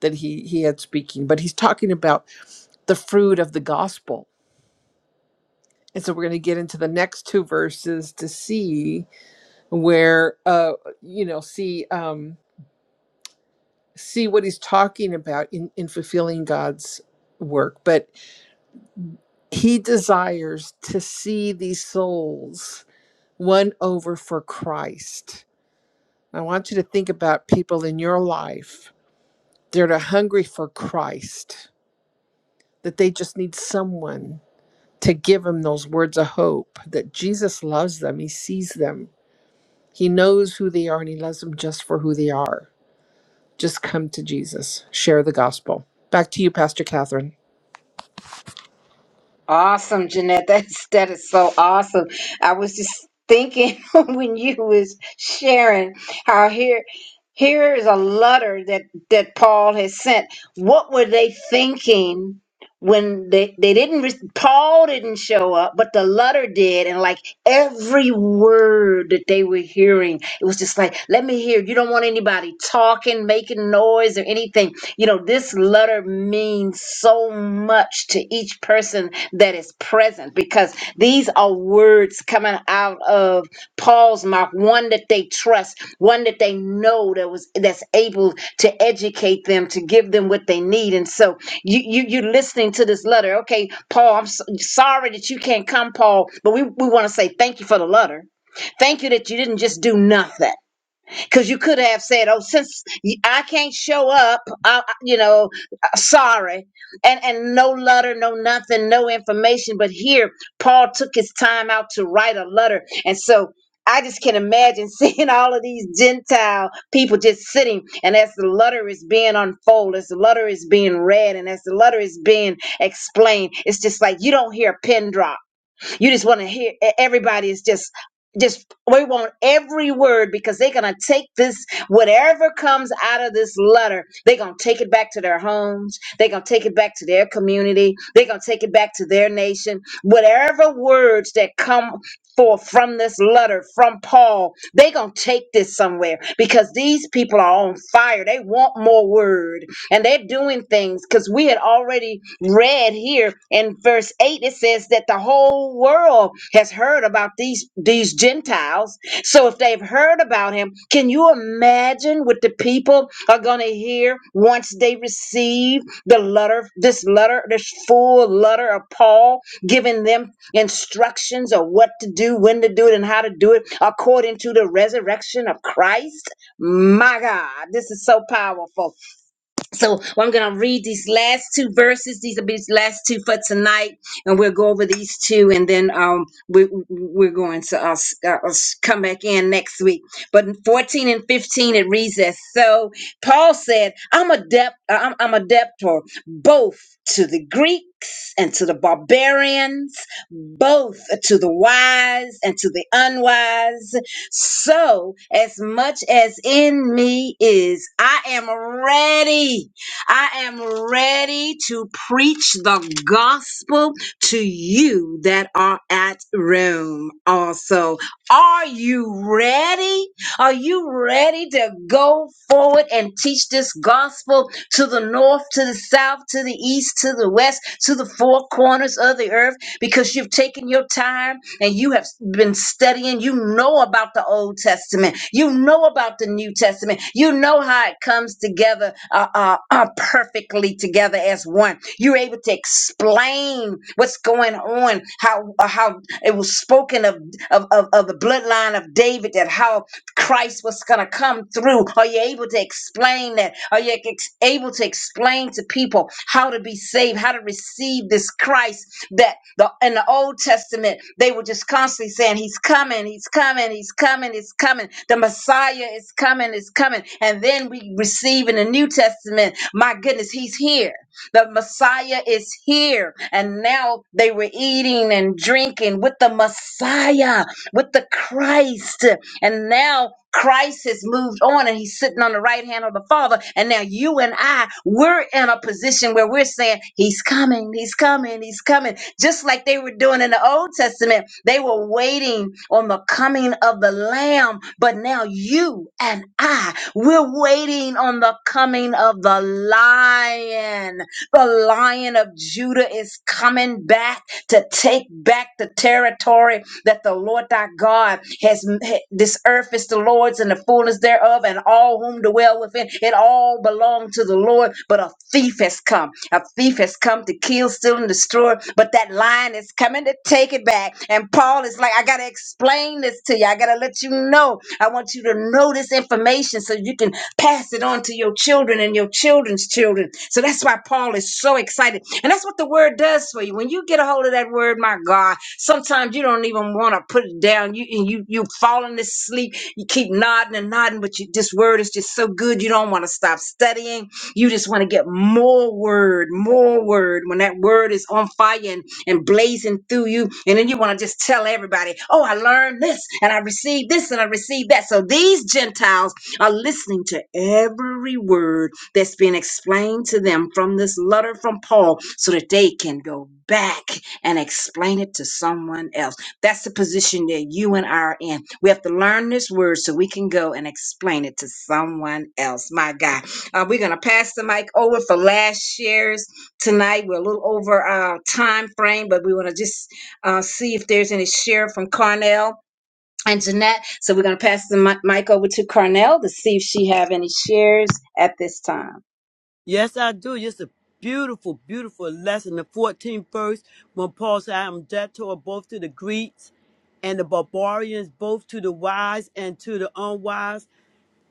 S6: that he, he had speaking, but he's talking about the fruit of the gospel. And so we're going to get into the next two verses to see where, uh, you know, see, um, see what he's talking about in, in fulfilling God's work. But he desires to see these souls won over for Christ. I want you to think about people in your life that are hungry for Christ, that they just need someone to give them those words of hope that Jesus loves them, He sees them, He knows who they are, and He loves them just for who they are. Just come to Jesus, share the gospel. Back to you, Pastor Catherine.
S2: Awesome, Jeanette. That's that is so awesome. I was just thinking when you was sharing how here here is a letter that that Paul has sent. What were they thinking when they they didn't re- Paul didn't show up, but the letter did, and like every word that they were hearing, it was just like, let me hear. You don't want anybody talking, making noise, or anything you know, this letter means so much to each person that is present because these are words coming out of Paul's mouth, one that they trust, one that they know that was that's able to educate them, to give them what they need. And so you you you're listening to this letter. Okay, Paul, I'm s sorry that you can't come, Paul, but we, we want to say thank you for the letter. Thank you that you didn't just do nothing because you could have said, "Oh, since y- I can't show up, I, I- you know, uh, sorry," and and no letter, no nothing, no information. But here, Paul took his time out to write a letter, and so. I just can imagine seeing all of these Gentile people just sitting, and as the letter is being unfolded, as the letter is being read, and as the letter is being explained, it's just like you don't hear a pin drop you just want to hear e- everybody is just just we want every word because they're gonna take this whatever comes out of this letter they're gonna take it back to their homes they're gonna take it back to their community they're gonna take it back to their nation whatever words that come forth from this letter from paul they're gonna take this somewhere because these people are on fire they want more word and they're doing things because we had already read here in verse 8 it says that the whole world has heard about these these gentiles so if they've heard about him can you imagine what the people are going to hear once they receive the letter this letter this full letter of paul giving them instructions of what to do when to do it and how to do it according to the resurrection of christ my god this is so powerful so well, I'm going to read these last two verses. These will be the last two for tonight, and we'll go over these two, and then um we we're going to uh, s- uh, uh, s- come back in next week. But in 14 and 15 it reads as so. Paul said, "I'm adept. uh, I'm, I'm adept for both to the Greeks and to the barbarians, both to the wise and to the unwise. So, as much as in me is, I am ready. I am ready to preach the gospel to you that are at Rome also. Are you ready? Are you ready to go forward and teach this gospel to the north, to the south, to the east, to the west, to the four corners of the earth? Because you've taken your time and you have been studying, you know about the Old Testament, you know about the New Testament, you know how it comes together uh, uh, uh, perfectly together as one. You're able to explain what's going on, how uh, how it was spoken of of, of of the bloodline of David, that how Christ was going to come through? Are you able to explain that? Are you ex- able to explain to people how to be saved, how to receive this Christ? that the in the Old Testament they were just constantly saying, "He's coming, he's coming, he's coming, he's coming. The Messiah is coming, is coming." And then we receive in the New Testament, "My goodness, he's here. The Messiah is here." And now they were eating and drinking with the Messiah, with the Christ. And now Christ has moved on and he's sitting on the right hand of the Father. And now you and I, we're in a position where we're saying, He's coming, He's coming, He's coming. Just like they were doing in the Old Testament, they were waiting on the coming of the Lamb. But now you and I, we're waiting on the coming of the Lion. The Lion of Judah is coming back to take back the territory that the Lord thy God has this earth is the Lord's and the fullness thereof, and all whom dwell within. It all belonged to the Lord, but a thief has come. A thief has come to kill, steal, and destroy. But that lion is coming to take it back. And Paul is like, I gotta explain this to you. I gotta let you know. I want you to know this information so you can Pass it on to your children and your children's children. So that's why Paul is so excited. And that's what the word does for you. When you get a hold of that word, my God, sometimes you don't even want to put it down. You and you you falling asleep. You keep nodding and nodding, but you, this word is just so good. You don't want to stop studying. You just want to get more word, more word. When that word is on fire and and blazing through you. And then you want to just tell everybody, oh, I learned this and I received this and I received that. So these Gentiles are listening to every word that's been explained to them from this letter from Paul so that they can go back and explain it to someone else. That's the position that you and I are in. We have to learn this word so we can go and explain it to someone else. My God. Uh, we're going to pass the mic over for last shares tonight. We're a little over our time frame, but we want to just uh, see if there's any share from Carnell and Jeanette. So we're going to pass the mi- mic over to Carnell to see if she have any shares at this time.
S3: Yes, I do. It's a beautiful, beautiful lesson. The 14th verse, when Paul said, I am debtor both to the Greeks and the barbarians, both to the wise and to the unwise.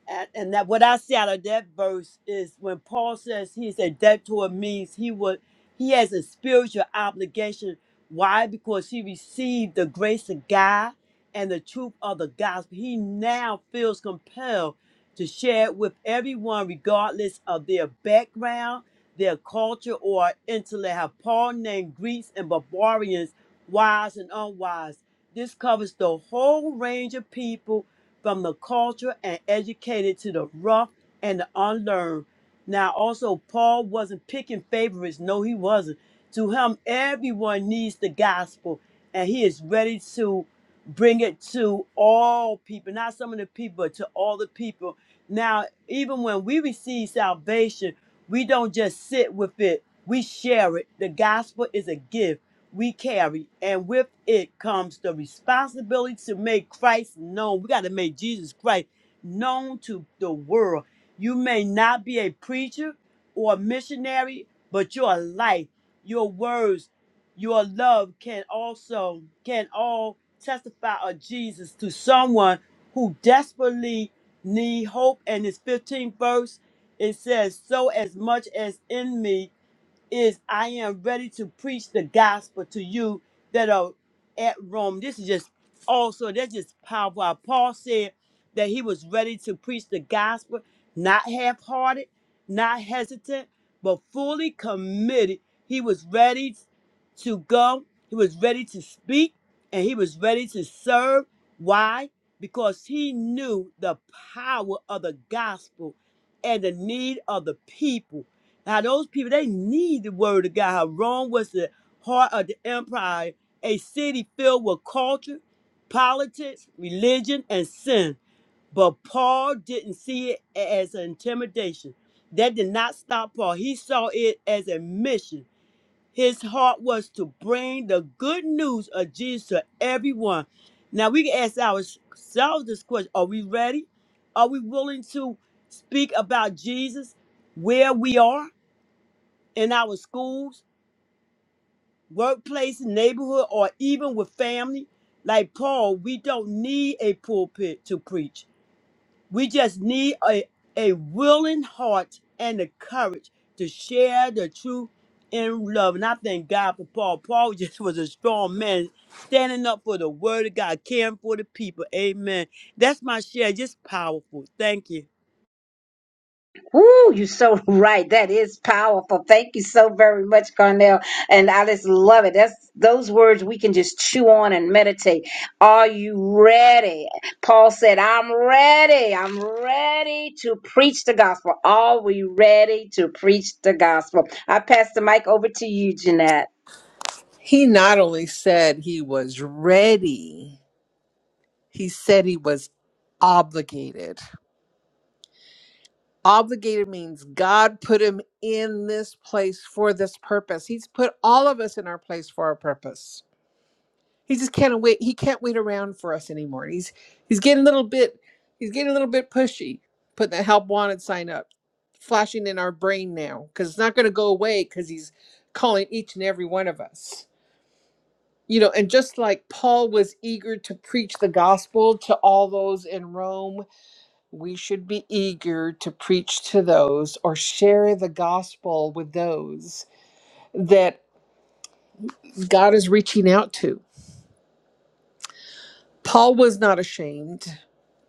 S3: And, and that what I see out of that verse is when Paul says he's a debtor means he would he has a spiritual obligation. Why? Because he received the grace of God and the truth of the gospel. He now feels compelled to share it with everyone, regardless of their background, their culture, or intellect. How Paul named Greeks and barbarians, wise and unwise. This covers the whole range of people from the culture and educated to the rough and the unlearned. Now, also, Paul wasn't picking favorites. No, he wasn't. To him, everyone needs the gospel, and he is ready to bring it to all people, not some of the people, but to all the people. Now, even when we receive salvation, we don't just sit with it, we share it. The gospel is a gift we carry, and with it comes the responsibility to make Christ known. We got to make Jesus Christ known to the world. You may not be a preacher or a missionary, but your life, your words, your love can also can all testify of Jesus to someone who desperately need hope. And this 15th verse, it says, "So as much as in me." is I am ready to preach the gospel to you that are at Rome. This is just also that's just powerful. How Paul said that he was ready to preach the gospel, not half-hearted, not hesitant, but fully committed. He was ready to go. He was ready to speak, and he was ready to serve. Why? Because he knew the power of the gospel and the need of the people now those people they need the word of God. How Rome was the heart of the empire, a city filled with culture, politics, religion, and sin. But Paul didn't see it as an intimidation. That did not stop Paul. He saw it as a mission. His heart was to bring the good news of Jesus to everyone. Now we can ask ourselves this question: Are we ready? Are we willing to speak about Jesus where we are? in our schools, workplace, neighborhood, or even with family. Like Paul, we don't need a pulpit to preach. We just need a, a willing heart and the courage to share the truth in love. And I thank God for Paul. Paul just was a strong man, standing up for the word of God, caring for the people. Amen. That's my share. Just powerful. Thank you.
S2: Woo, you're so right. That is powerful. Thank you so very much, Carnell. And I just love it. That's those words we can just chew on and meditate. Are you ready? Paul said, I'm ready. I'm ready to preach the gospel. Are we ready to preach the gospel? I pass the mic over to you, Jeanette.
S6: He not only said he was ready, he said he was obligated. Obligated means God put him in this place for this purpose. He's put all of us in our place for our purpose. He just can't wait. He can't wait around for us anymore. He's he's getting a little bit he's getting a little bit pushy, putting that help wanted sign up, flashing in our brain now because it's not going to go away because he's calling each and every one of us. You know, and just like Paul was eager to preach the gospel to all those in Rome we should be eager to preach to those or share the gospel with those that God is reaching out to. Paul was not ashamed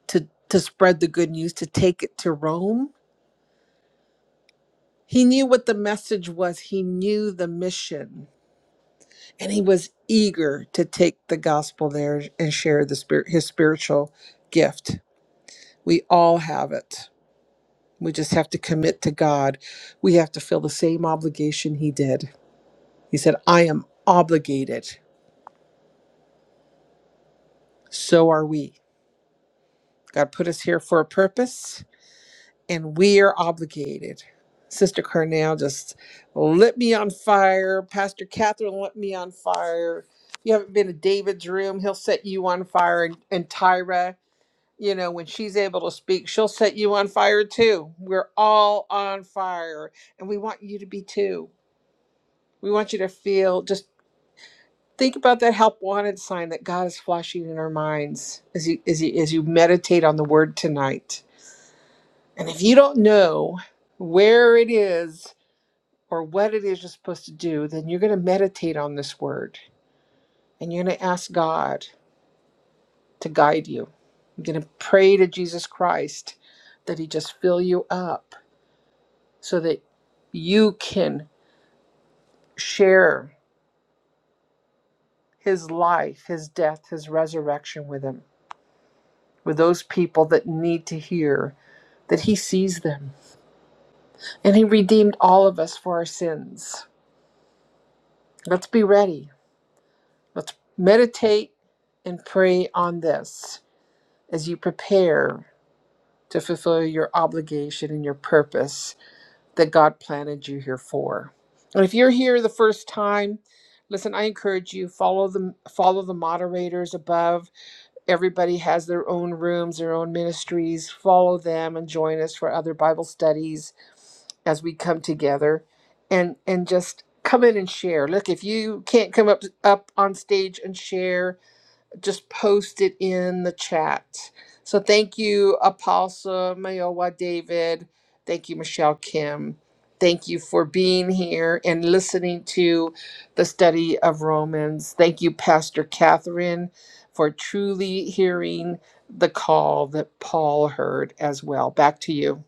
S6: to, to spread the good news, to take it to Rome. He knew what the message was, he knew the mission, and he was eager to take the gospel there and share the spirit, his spiritual gift. We all have it. We just have to commit to God. We have to feel the same obligation he did He said, I am obligated. So are we. God put us here for a purpose, and we are obligated. Sister Carnell just lit me on fire. Pastor Catherine lit me on fire. If you haven't been to David's room, he'll set you on fire. And, and Tyra, you know, when she's able to speak, she'll set you on fire too. We're all on fire, and we want you to be too. We want you to feel just Think about that help wanted sign that God is flashing in our minds as you as you as you meditate on the word tonight. And if you don't know where it is or what it is you're supposed to do, then you're going to meditate on this word and you're going to ask God to guide you. You're going to pray to Jesus Christ that he just fill you up so that you can share his life, his death, his resurrection with him. with those people that need to hear that He sees them. And He redeemed all of us for our sins. Let's be ready. Let's meditate and pray on this as you prepare to fulfill your obligation and your purpose that God planted you here for. And if you're here the first time, listen, I encourage you follow the follow the moderators above Everybody has their own rooms, their own ministries. Follow them and join us for other Bible studies as we come together and and just come in and share. Look, if you can't come up up on stage and share, just post it in the chat. So thank you, Apostle Mayowa David. Thank you, Michelle Kim. Thank you for being here and listening to the study of Romans. Thank you, Pastor Catherine, for truly hearing the call that Paul heard as well. Back to you.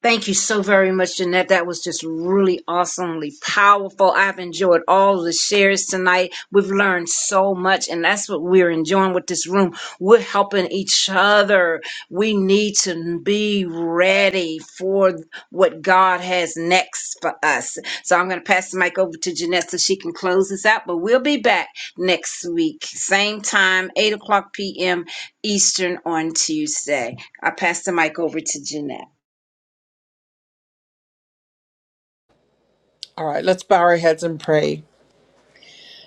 S2: Thank you so very much, Jeanette. That was just really awesomely powerful. I've enjoyed all the shares tonight. We've learned so much, and that's what we're enjoying with this room. We're helping each other. We need to be ready for what God has next for us. So I'm going to pass the mic over to Jeanette so she can close this out, but we'll be back next week, same time, 8 o'clock p.m. Eastern on Tuesday. I pass the mic over to Jeanette.
S6: All right, let's bow our heads and pray.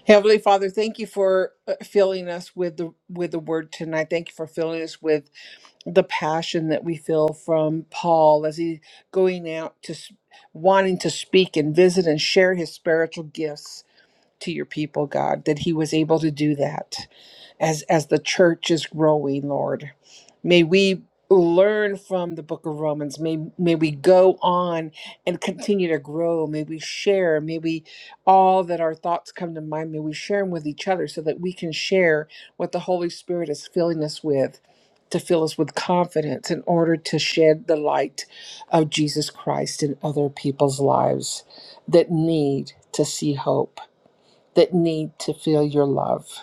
S6: Heavenly Father, thank you for uh, filling us with the with the word tonight. Thank you for filling us with the passion that we feel from Paul as he going out to s- wanting to speak and visit and share his spiritual gifts to your people, God, that he was able to do that as as the church is growing lord may we learn from the book of romans may may we go on and continue to grow may we share may we all that our thoughts come to mind may we share them with each other so that we can share what the holy spirit is filling us with to fill us with confidence in order to shed the light of jesus christ in other people's lives that need to see hope that need to feel your love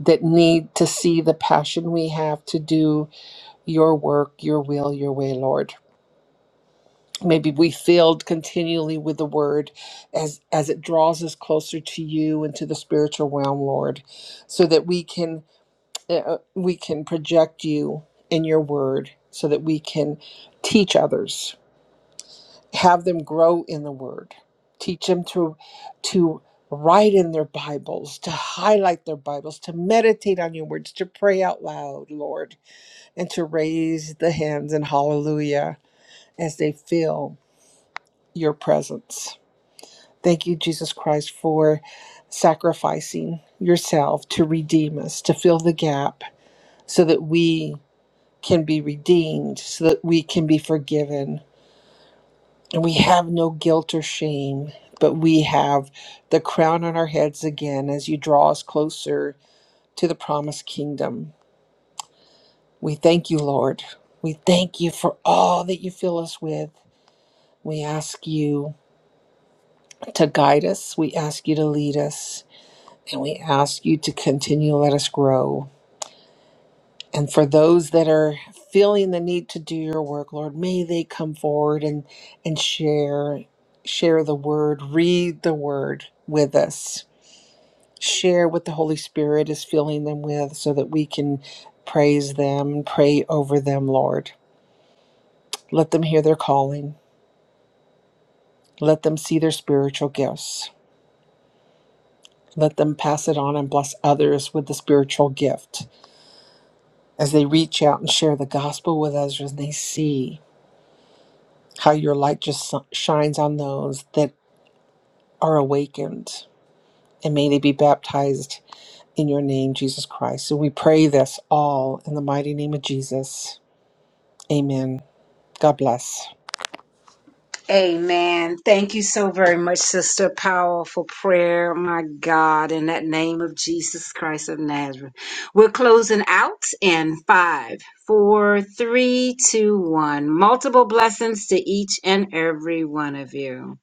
S6: that need to see the passion we have to do your work, your will, your way, Lord. Maybe we filled continually with the word as, as it draws us closer to you and to the spiritual realm, Lord, so that we can uh, uh, we can project you in your word, so that we can teach others, have them grow in the word, teach them to to write in their Bibles, to highlight their Bibles, to meditate on your words, to pray out loud, Lord and to raise the hands in hallelujah as they feel your presence. Thank you, Jesus Christ, for sacrificing yourself to redeem us, to fill the gap so that we can be redeemed, so that we can be forgiven. And we have no guilt or shame, but we have the crown on our heads again as you draw us closer to the promised kingdom. We thank you, Lord. We thank you for all that you fill us with We ask you to guide us. We ask you to lead us. And we ask you to continue to let us grow. And for those that are feeling the need to do your work, Lord, may they come forward and, and share, share the word, read the word with us. Share what the Holy Spirit is filling them with so that we can praise them, pray over them, Lord. Let them hear their calling. Let them see their spiritual gifts. Let them pass it on and bless others with the spiritual gift as they reach out and share the gospel with others and they see how your light just si-, shines on those that are awakened. And may they be baptized in your name, Jesus Christ. So we pray this all in the mighty name of Jesus. Amen. God bless.
S2: Amen. Thank you so very much, Sister. Powerful prayer, my God, in that name of Jesus Christ of Nazareth. We're closing out in five, four, three, two, one. Multiple blessings to each and every one of you.